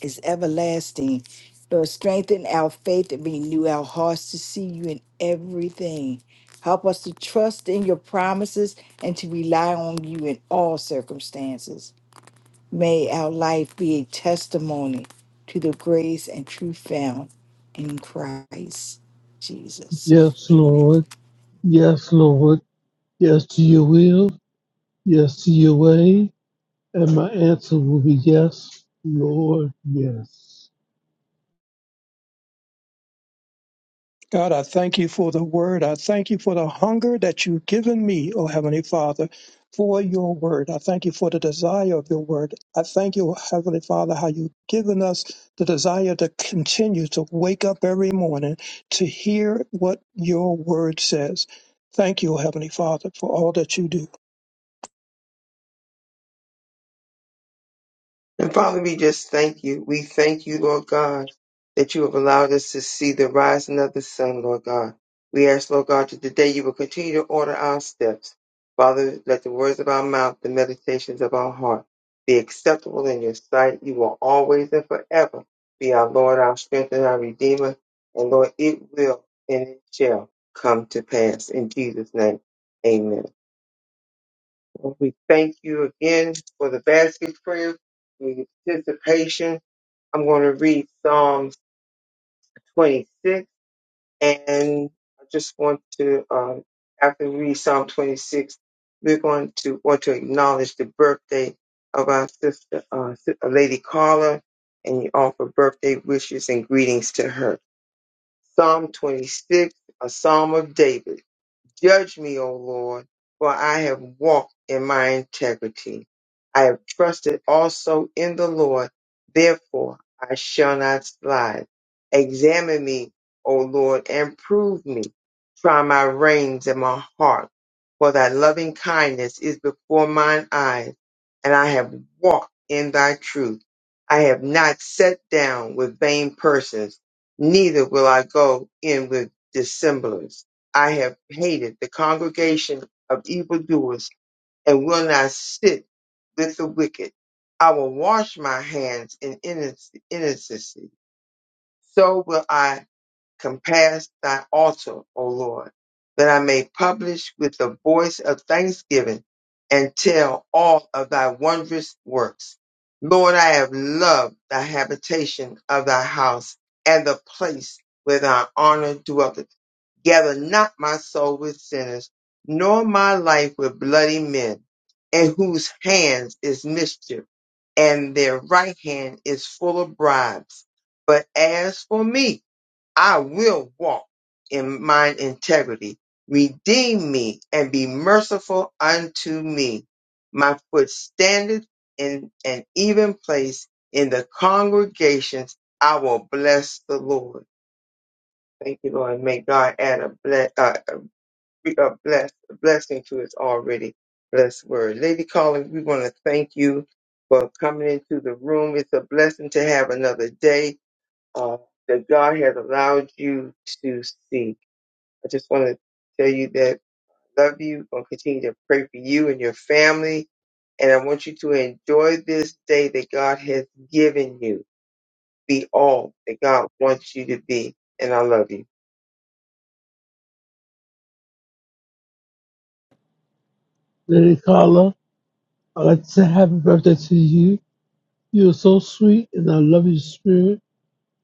Speaker 10: is everlasting. Lord, strengthen our faith and renew our hearts to see you in everything. Help us to trust in your promises and to rely on you in all circumstances. May our life be a testimony to the grace and truth found in Christ Jesus.
Speaker 7: Yes,
Speaker 10: Amen.
Speaker 7: Lord. Yes, Lord. Yes to your will. Yes to your way. And my answer will be yes, Lord, yes.
Speaker 9: God, I thank you for the word. I thank you for the hunger that you've given me, O Heavenly Father, for your word. I thank you for the desire of your word. I thank you, O Heavenly Father, how you've given us the desire to continue to wake up every morning to hear what your word says. Thank you, O Heavenly Father, for all that you do.
Speaker 2: And Father, we just thank you. We thank you, Lord God, that you have allowed us to see the rising of the sun, Lord God. We ask, Lord God, that today you will continue to order our steps. Father, let the words of our mouth, the meditations of our heart be acceptable in your sight. You will always and forever be our Lord, our strength, and our Redeemer. And Lord, it will and it shall come to pass. In Jesus' name, amen. Lord, We thank you again for the basket prayer, for your participation. I'm going to read Psalms 26, and I just want to, um, after we read Psalm 26, we're going to want to acknowledge the birthday of our sister, uh, Si- uh, Lady Carla, and you offer birthday wishes and greetings to her. Psalm 26, a Psalm of David. Judge me, O Lord, for I have walked in my integrity. I have trusted also in the Lord, therefore I shall not slide. Examine me, O Lord, and prove me. Try my reins and my heart, for thy loving kindness is before mine eyes, and I have walked in thy truth. I have not sat down with vain persons, neither will I go in with dissemblers I have hated the congregation of evildoers and will not sit with the wicked. I will wash my hands in innoc- innocency. So will I compass thy altar, O Lord, that I may publish with the voice of thanksgiving and tell all of thy wondrous works. Lord, I have loved the habitation of thy house and the place where thy honor dwelleth Gather not my soul with sinners, nor my life with bloody men, in whose hands is mischief, and their right hand is full of bribes. But as for me, I will walk in mine integrity. Redeem me and be merciful unto me. My foot standeth in an even place in the congregations. I will bless the Lord. Thank you, Lord. May God add a bless. We are blessed, a blessing to his already blessed word. Lady Calling, we want to thank you for coming into the room. It's a blessing to have another day uh, that God has allowed you to see. I just want to tell you that I love you. I'm going to continue to pray for you and your family. And I want you to enjoy this day that God has given you. Be all that God wants you to be. And I love you.
Speaker 7: Lady Carla, I'd like to say happy birthday to you. You're so sweet, and I love your spirit.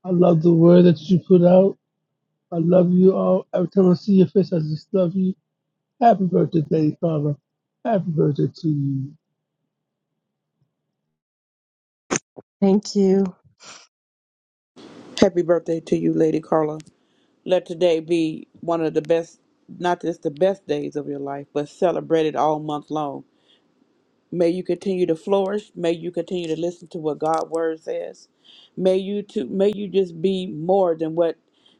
Speaker 7: I love the word that you put out. I love you all. Every time I see your face, I just love you. Happy birthday, Lady Carla. Happy birthday to you.
Speaker 13: Thank you.
Speaker 3: Happy birthday to you, Lady Carla. Let today be one of the best, not just the best days of your life, but celebrated all month long. May you continue to flourish. May you continue to listen to what God's word says. May you to may you just be more than what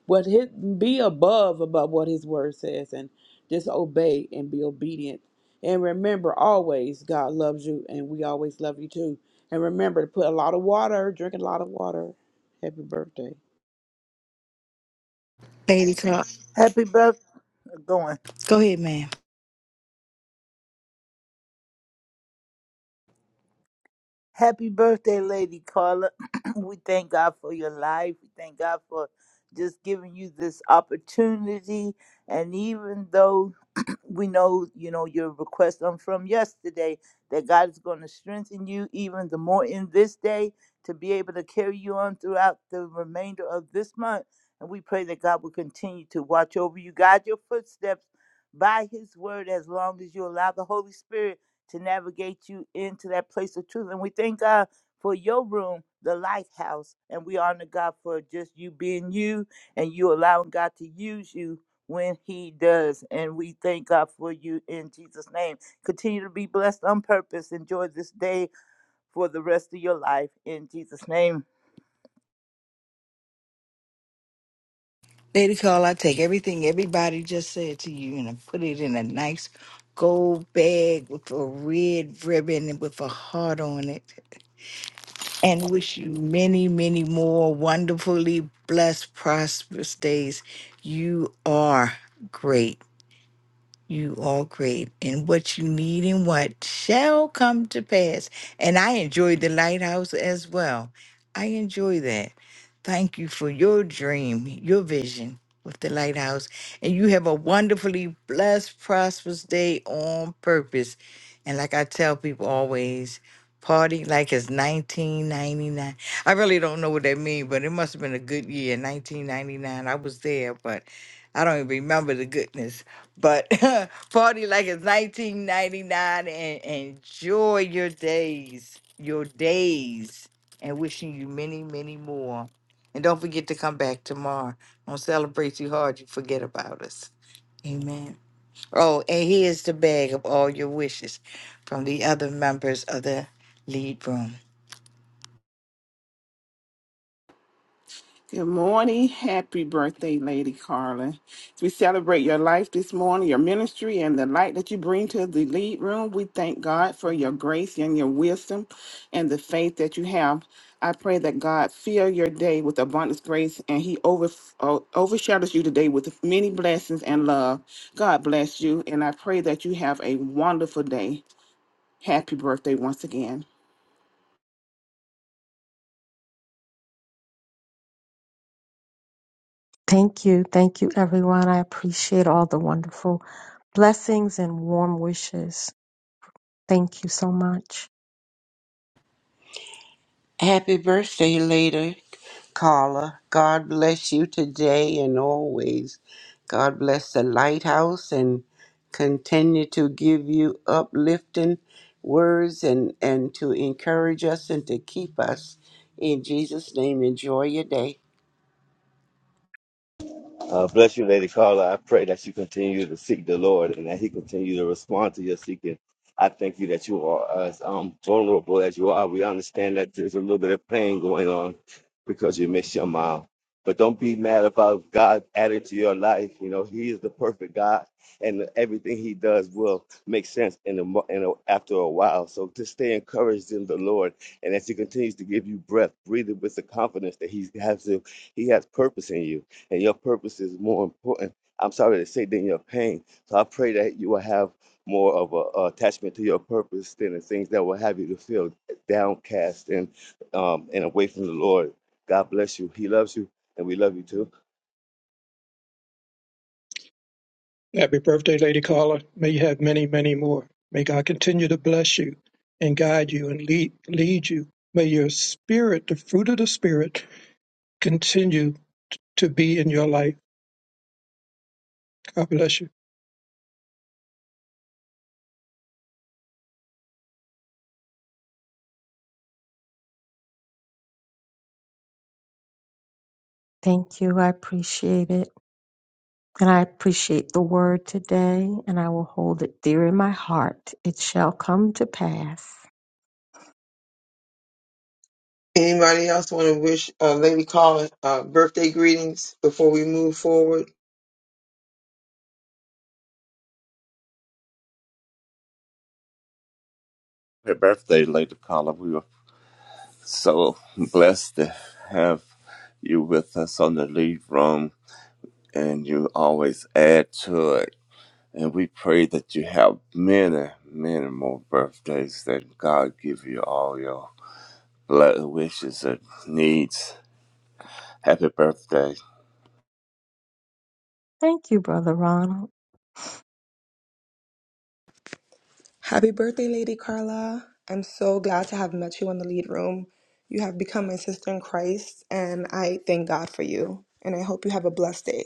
Speaker 3: what his be above about what his word says and just obey and be obedient. And remember always God loves you and we always love you too. And remember to put a lot of water, drink a lot of water. Happy birthday.
Speaker 10: Lady Clark,
Speaker 6: Happy birthday. Going.
Speaker 10: go ahead, ma'am.
Speaker 6: Happy birthday, Lady Carla. [clears throat] we thank God for your life. We thank God for just giving you this opportunity. And even though we know, you know, your request on from yesterday that God is going to strengthen you even the more in this day to be able to carry you on throughout the remainder of this month. And we pray that God will continue to watch over you, guide your footsteps by his word as long as you allow the Holy Spirit to navigate you into that place of truth. And we thank God for your room, the lighthouse. And we honor God for just you being you and you allowing God to use you when he does. And we thank God for you in Jesus' name. Continue to be blessed on purpose. Enjoy this day for the rest of your life in Jesus' name.
Speaker 10: Lady Call, I take everything everybody just said to you and I put it in a nice gold bag with a red ribbon and with a heart on it. And wish you many, many more wonderfully blessed, prosperous days. You are great. You are great. And what you need and what shall come to pass. And I enjoyed the lighthouse as well. I enjoy that. Thank you for your dream, your vision with the lighthouse. And you have a wonderfully blessed, prosperous day on purpose. And like I tell people always, party like it's 1999. I really don't know what that means, but it must have been a good year, 1999. I was there, but I don't even remember the goodness. But [laughs] party like it's 1999 and enjoy your days, your days, and wishing you many, many more. And don't forget to come back tomorrow. Don't celebrate too hard. You forget about us. Amen. Oh, and here's the bag of all your wishes from the other members of the lead room.
Speaker 4: Good morning. Happy birthday, Lady Carla. As we celebrate your life this morning, your ministry, and the light that you bring to the lead room, we thank God for your grace and your wisdom and the faith that you have. I pray that God fill your day with abundant grace, and He over, o- overshadows you today with many blessings and love. God bless you, and I pray that you have a wonderful day. Happy birthday once again.
Speaker 13: Thank you. Thank you, everyone. I appreciate all the wonderful blessings and warm wishes. Thank you so much.
Speaker 11: Happy birthday, later, Carla. God bless you today and always. God bless the lighthouse and continue to give you uplifting words and, and to encourage us and to keep us. In Jesus' name, enjoy your day.
Speaker 5: Uh, bless you, Lady Carla. I pray that you continue to seek the Lord and that He continue to respond to your seeking. I thank you that you are as um, vulnerable as you are. We understand that there's a little bit of pain going on because you miss your mom. But don't be mad about God added to your life. You know, He is the perfect God, and everything He does will make sense in a, mo- in a, after a while. So just stay encouraged in the Lord, and as He continues to give you breath, breathe it with the confidence that He has. He has purpose in you and your purpose is more important. I'm sorry to say than your pain. So I pray that you will have more of a, a attachment to your purpose than the things that will have you to feel downcast and um, and away from the Lord. God bless you. He loves you, and we love you too.
Speaker 9: Happy birthday, Lady Carla. May you have many, many more. May God continue to bless you and guide you and lead, lead you. May your spirit, the fruit of the spirit, continue to be in your life. God bless you.
Speaker 13: Thank you. I appreciate it. And I appreciate the word today, and I will hold it dear in my heart. It shall come to pass.
Speaker 2: Anybody else want to wish uh, Lady Carla uh, birthday greetings before we move forward?
Speaker 14: Happy birthday, Lady Carla. We were so blessed to have you with us on the lead room, and you always add to it. And we pray that you have many, many more birthdays, that God give you all your blood wishes and needs. Happy birthday.
Speaker 13: Thank you, Brother Ronald.
Speaker 15: Happy birthday, Lady Carla. I'm so glad to have met you in the lead room. You have become my sister in Christ, and I thank God for you. And I hope you have a blessed day.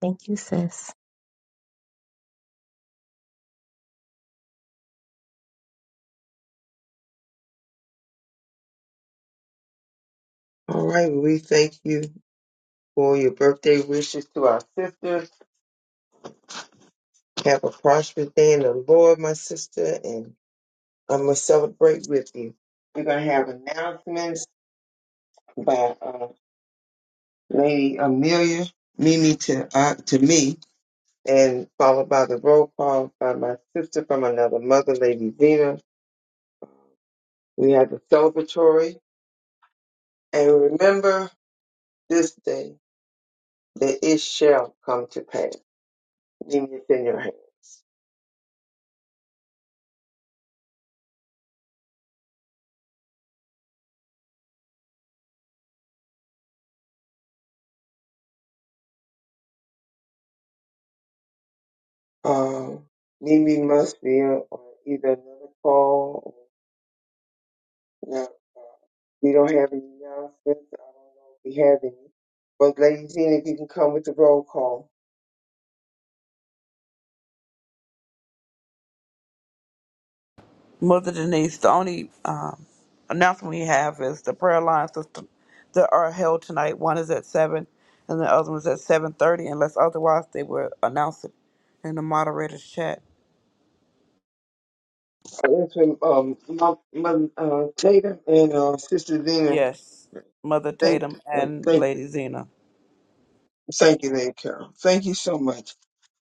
Speaker 13: Thank you, sis.
Speaker 2: All right, well, we thank you for your birthday wishes to our sister. Have a prosperous day in the Lord, my sister, and I'm going to celebrate with you. We're going to have announcements by uh, Lady Amelia, Mimi to, uh, to me, and followed by the roll call by my sister from another mother, Lady Zena. We have the celebratory. And remember this day. that it shall come to pass. Leave it in your hands. Um, Mimi must be on either another call. Or not. Uh, we don't have any announcements. I don't know if we have any. But Lady Zena, if you can come with the roll call.
Speaker 3: Mother Denise, the only um, announcement we have is the prayer lines that that are held tonight. One is at seven, and the other one's at seven thirty. Unless otherwise, they will announce it in the moderator's chat.
Speaker 2: Yes, ma'am. um, my my uh, Tatum and uh, Sister Zena,
Speaker 3: Yes, Mother
Speaker 2: thank,
Speaker 3: Tatum
Speaker 2: uh,
Speaker 3: and
Speaker 2: thank,
Speaker 3: Lady Zena.
Speaker 2: thank you, Lady Carol. Thank you so much.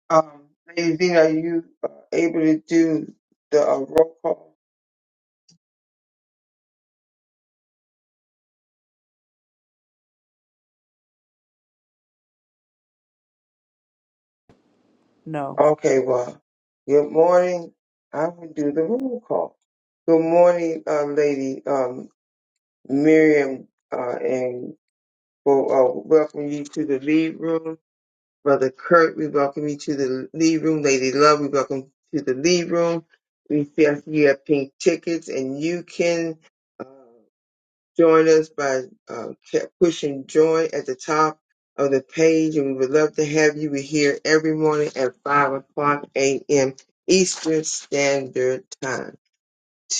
Speaker 2: Um, Lady Zena, are you uh, able to do the uh, roll call?
Speaker 3: No,
Speaker 2: Okay, well, good morning. I will do the roll call. Good morning, uh, Lady um, Miriam, uh, and we'll uh, welcome you to the lead room. Brother Kurt, we welcome you to the lead room. Lady Love, we welcome you to the lead room. We see us, you have pink tickets, and you can. uh, Join us by uh, ca- pushing join at the top of the page, and we would love to have you. We're here every morning at 5 o'clock a.m. Eastern Standard Time.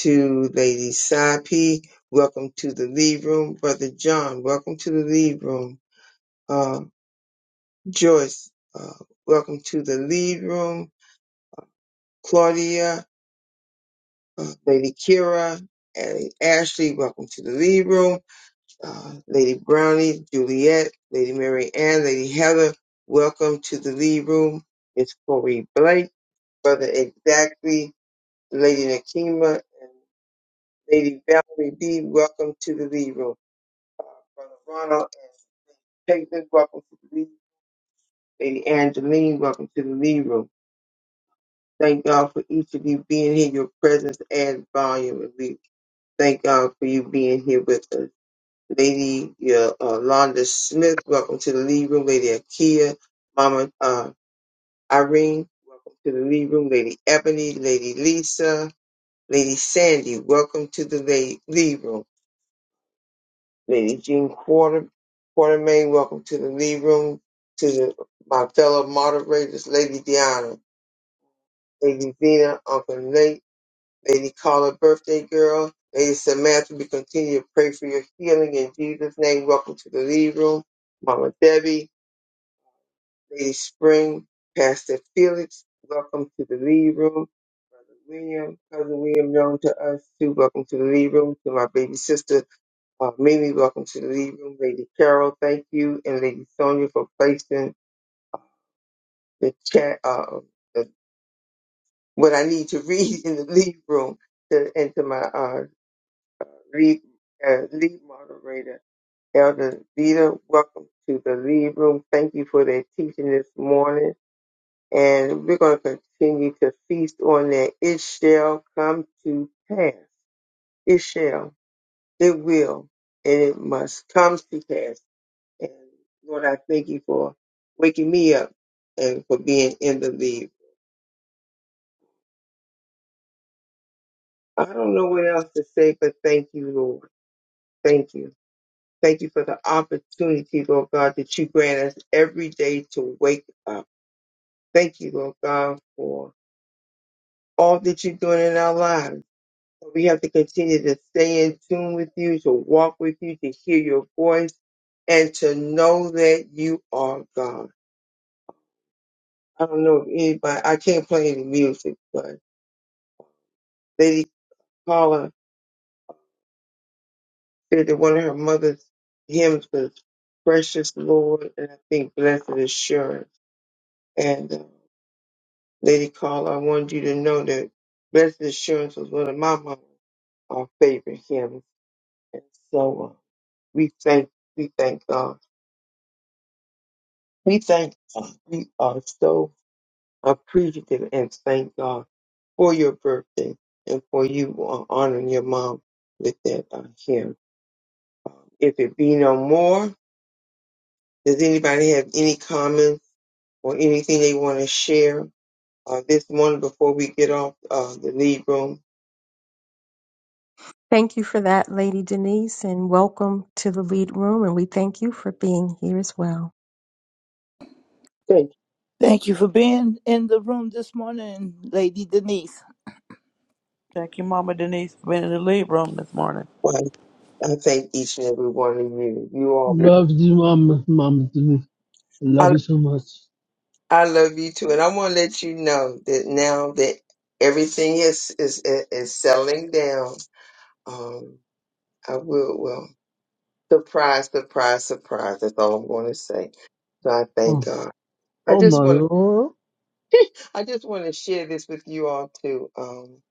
Speaker 2: To Lady Sapi, welcome to the lead room. Brother John, welcome to the lead room. Uh, Joyce, uh, welcome to the lead room. Claudia, uh, Lady Kira, and Ashley, welcome to the lead room. uh, Lady Brownie, Juliet, Lady Mary Ann, Lady Heather. Welcome to the lead room. It's Corey Blake, Brother Exactly, Lady Nakima, and Lady Valerie B. Welcome to the lead room. Brother Ronald and Peyton, welcome to the lead. Lady Angeline, welcome to the lead room. Thank God for each of you being here. Your presence adds volume. And we thank God for you being here with us. Lady Yolanda Smith, welcome to the lead room. Lady Akia, Mama uh, Irene, welcome to the lead room. Lady Ebony, Lady Lisa, Lady Sandy, welcome to the la- lead room. Lady Jean Quarter, Quartermain, welcome to the lead room. To the, my fellow moderators, Lady Deanna, Lady Vina, Uncle Nate, Lady Carla, birthday girl. Lady Samantha, we continue to pray for your healing in Jesus' name. Welcome to the lead room. Mama Debbie, Lady Spring, Pastor Felix, welcome to the lead room. Brother William, Cousin William, known to us too, welcome to the lead room. To my baby sister, uh, Mimi, welcome to the lead room. Lady Carol, thank you. And Lady Sonia for placing the chat, uh, the, what I need to [laughs] read in the lead room to, and to my uh, lead, uh, lead moderator, Elder Vita. Welcome to the lead room. Thank you for that teaching this morning. and we're going to continue to feast on that. It shall come to pass. It shall, it will, and it must come to pass. And Lord, I thank you for waking me up and for being in the lead. I don't know what else to say, but thank you, Lord. Thank you. Thank you for the opportunity, Lord God, that you grant us every day to wake up. Thank you, Lord God, for all that you're doing in our lives. So We have to continue to stay in tune with you, to walk with you, to hear your voice, and to know that you are God. I don't know if anybody, I can't play any music, but Lady Paula said that one of her mother's hymns was Precious Lord, and I think Blessed Assurance. And uh, Lady Paula, I wanted you to know that Blessed Assurance was one of my mama's uh, favorite hymns. And so uh, we thank, we thank God. We thank God. We are so appreciative and thank God for your birthday and for you uh, honoring your mom with that uh, here. If it be no more, does anybody have any comments or anything they want to share uh, this morning before we get off uh, the lead room?
Speaker 13: Thank you for that, Lady Denise, and welcome to the lead room. And we thank you for being here as well.
Speaker 2: Thank
Speaker 6: Thank you for being in the room this morning, Lady Denise.
Speaker 3: thank you, Mama Denise, for being in the lead room this morning.
Speaker 2: you. Well, I thank each and every one of you. You all,
Speaker 7: Love you, Mama. Mama to me. I love
Speaker 2: I,
Speaker 7: you so much.
Speaker 2: I love you too, and I want to let you know that now that everything is is is settling down Um, I will. Well, surprise, surprise, surprise. That's all I'm going to say. So I thank
Speaker 7: Oh,
Speaker 2: God. I
Speaker 7: oh
Speaker 2: just
Speaker 7: my
Speaker 2: want to.
Speaker 7: Lord.
Speaker 2: I just want to share this with you all too. Um,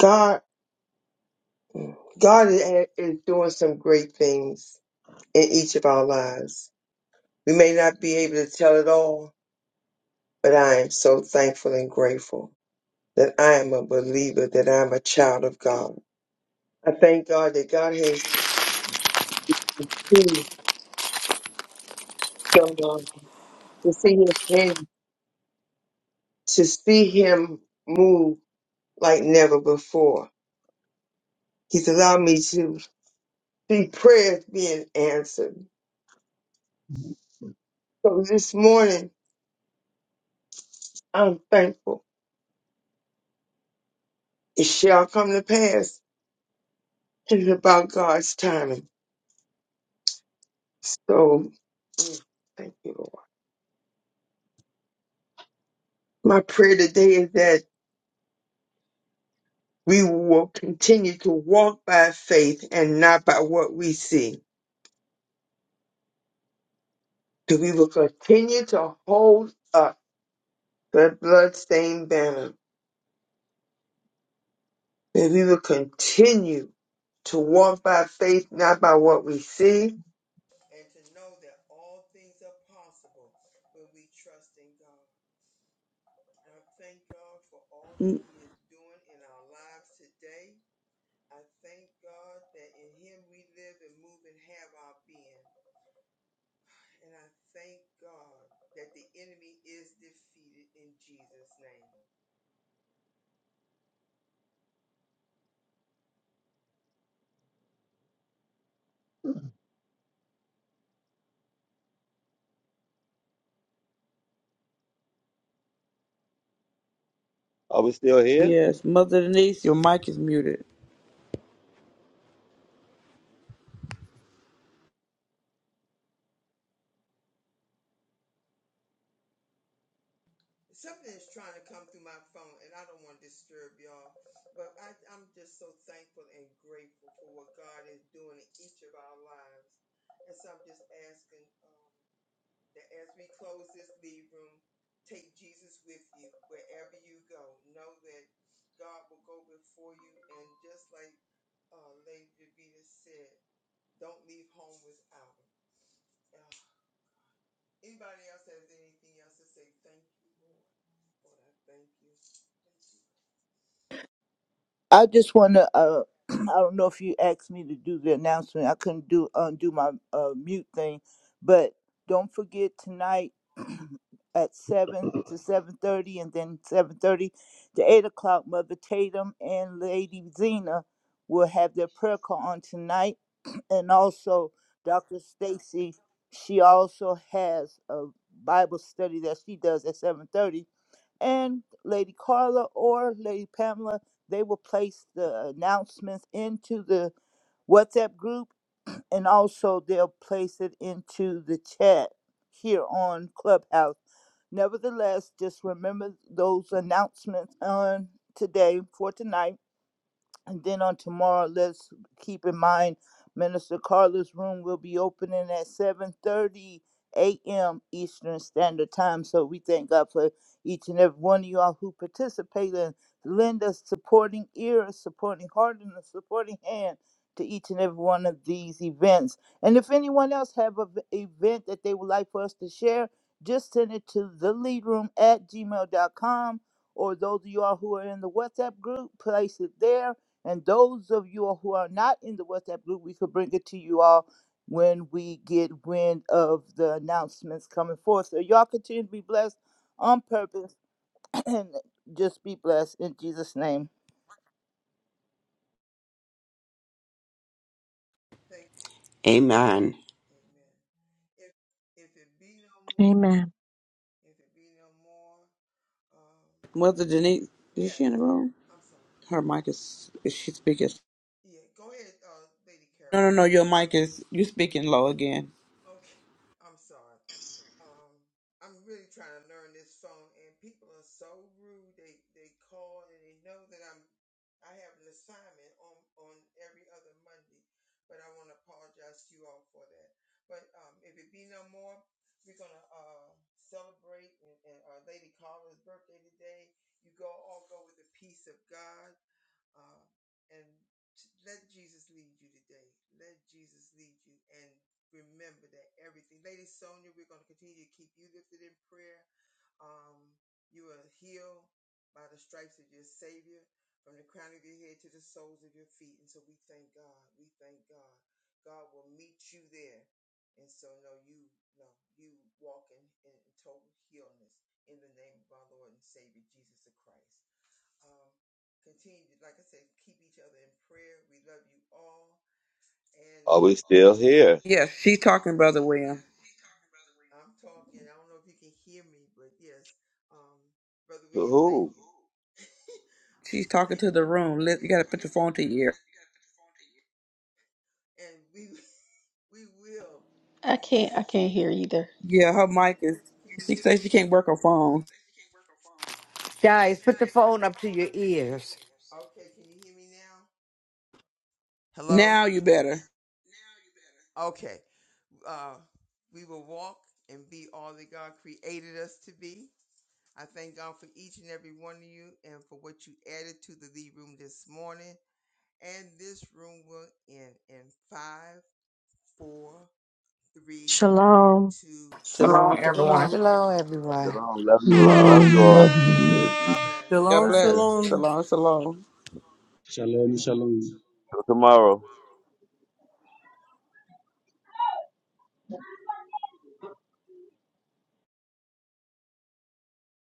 Speaker 2: God, God is, is doing some great things in each of our lives. We may not be able to tell it all, but I am so thankful and grateful that I am a believer, that I'm a child of God. I thank God that God has seen someone to see His hand, to see Him move like never before. He's allowed me to see prayers being answered. So this morning, I'm thankful. It shall come to pass. It's about God's timing. So mm, thank you, Lord. My prayer today is that we will continue to walk by faith and not by what we see. That we will continue to hold up the bloodstained banner. That we will continue to walk by faith, not by what we see and to know that all things are possible when we trust in God. I thank God for all that
Speaker 3: Mm,
Speaker 2: He is doing in our lives today. I thank God that in Him we live and move and have our being. And I thank God that the enemy is defeated in Jesus' name.
Speaker 5: Are we still here?
Speaker 3: Yes, Mother Denise, your mic is muted.
Speaker 2: Something is trying to come through my phone, and I don't want to disturb y'all, but I, I'm just so thankful and grateful for what God is doing in each of our lives. And so I'm just asking um, that as we close this leave room, take Jesus with you wherever you go. Know that God will go before you, and just like uh, Lady Davida said, don't leave home without Him. Uh, Anybody else has anything else to say? Thank you, Lord. Lord, I thank you. Thank you, Lord.
Speaker 6: I just want to. Uh, [clears throat] I don't know if you asked me to do the announcement. I couldn't do undo my uh, mute thing, but don't forget tonight [clears throat] at seven to seven thirty, and then seven thirty to eight o'clock. Mother Tatum and Lady Zena will have their prayer call on tonight, [clears throat] and also Dr. Stacy. She also has a Bible study that she does at seven thirty and Lady Carla or Lady Pamela, they will place the announcements into the WhatsApp group and also they'll place it into the chat here on Clubhouse. Nevertheless, just remember those announcements on today for tonight and then on tomorrow, let's keep in mind Minister Carla's room will be opening at 7:30 a.m. Eastern Standard Time. So we thank God for each and every one of y'all who participate and lend a supporting ear, a supporting heart, and a supporting hand to each and every one of these events. And if anyone else have an event that they would like for us to share, just send it to the room at gmail.com or those of y'all who are in the WhatsApp group, place it there and those of you who are not in the WhatsApp group, we could bring it to you all when we get wind of the announcements coming forth. So y'all continue to be blessed on purpose [clears throat] and just be blessed in Jesus' name.
Speaker 2: Thank you. Amen.
Speaker 11: Amen.
Speaker 2: Amen. If if it be no more,
Speaker 13: Amen.
Speaker 2: if it be no more, um
Speaker 3: Mother Denise, is she in the
Speaker 2: yes.
Speaker 3: room?
Speaker 2: I'm sorry.
Speaker 3: Her mic is. Is she speaking?
Speaker 2: Yeah, go ahead, uh Lady
Speaker 3: No,
Speaker 2: Carol.
Speaker 3: no, no. Your mic is. You speaking low again.
Speaker 2: Okay, I'm sorry. Um, I'm really trying to learn this phone, and people are so rude. They they call and they know that I'm I have an assignment on on every other Monday, but I want to apologize to you all for that. But um, if it be no more, we're gonna uh, celebrate and, and our Lady Carla's birthday today. You go all go with the peace of God. Uh, and t- let Jesus lead you today. Let Jesus lead you. And remember that everything. Lady Sonia, we're going to continue to keep you lifted in prayer. Um, you are healed by the stripes of your Savior from the crown of your head to the soles of your feet. And so we thank God. We thank God. God will meet you there. And so, no, you, no, you walk in, in total healness in the name of our Lord and Savior, Jesus the Christ. Um, continue, like I said, keep each other in prayer. We love you all. And
Speaker 5: Are we still here?
Speaker 3: Yes, she's talking, Brother William.
Speaker 2: I'm talking. I don't know if you can hear me, but yes, um, Brother William, thank
Speaker 5: Woohoo!
Speaker 3: She's
Speaker 2: [laughs]
Speaker 3: talking
Speaker 2: thank
Speaker 3: to the
Speaker 2: you.
Speaker 3: room.
Speaker 2: And
Speaker 3: Let-
Speaker 2: we
Speaker 3: You got to put your phone to your ear.
Speaker 2: and we [laughs] we will.
Speaker 1: I
Speaker 2: We, we
Speaker 1: can't I can't hear either.
Speaker 3: Yeah, her mic is.
Speaker 2: can you
Speaker 3: She says she can't work her phone.
Speaker 10: Guys, put the phone up to your ears.
Speaker 2: okay? Can you hear me now? Hello.
Speaker 3: Now you better.
Speaker 2: Okay. Uh, we will walk and be all that God created us to be. I thank God for each and every one of you and for what you added to the lead room this morning. and this room will end in five, four, three,
Speaker 13: Shalom.
Speaker 2: two,
Speaker 4: So long,
Speaker 3: Shalom,
Speaker 2: one.
Speaker 4: everyone.
Speaker 3: shalom.
Speaker 2: Shalom.
Speaker 10: Shalom, everyone.
Speaker 5: Shalom. Love you all. Love you
Speaker 7: Shalom. Love
Speaker 5: all.
Speaker 7: you.
Speaker 2: God bless.
Speaker 3: God
Speaker 16: Shalom,
Speaker 5: Okay.
Speaker 3: bless.
Speaker 16: shalom.
Speaker 3: Shalom, shalom.
Speaker 12: Shalom, shalom.
Speaker 5: Till tomorrow.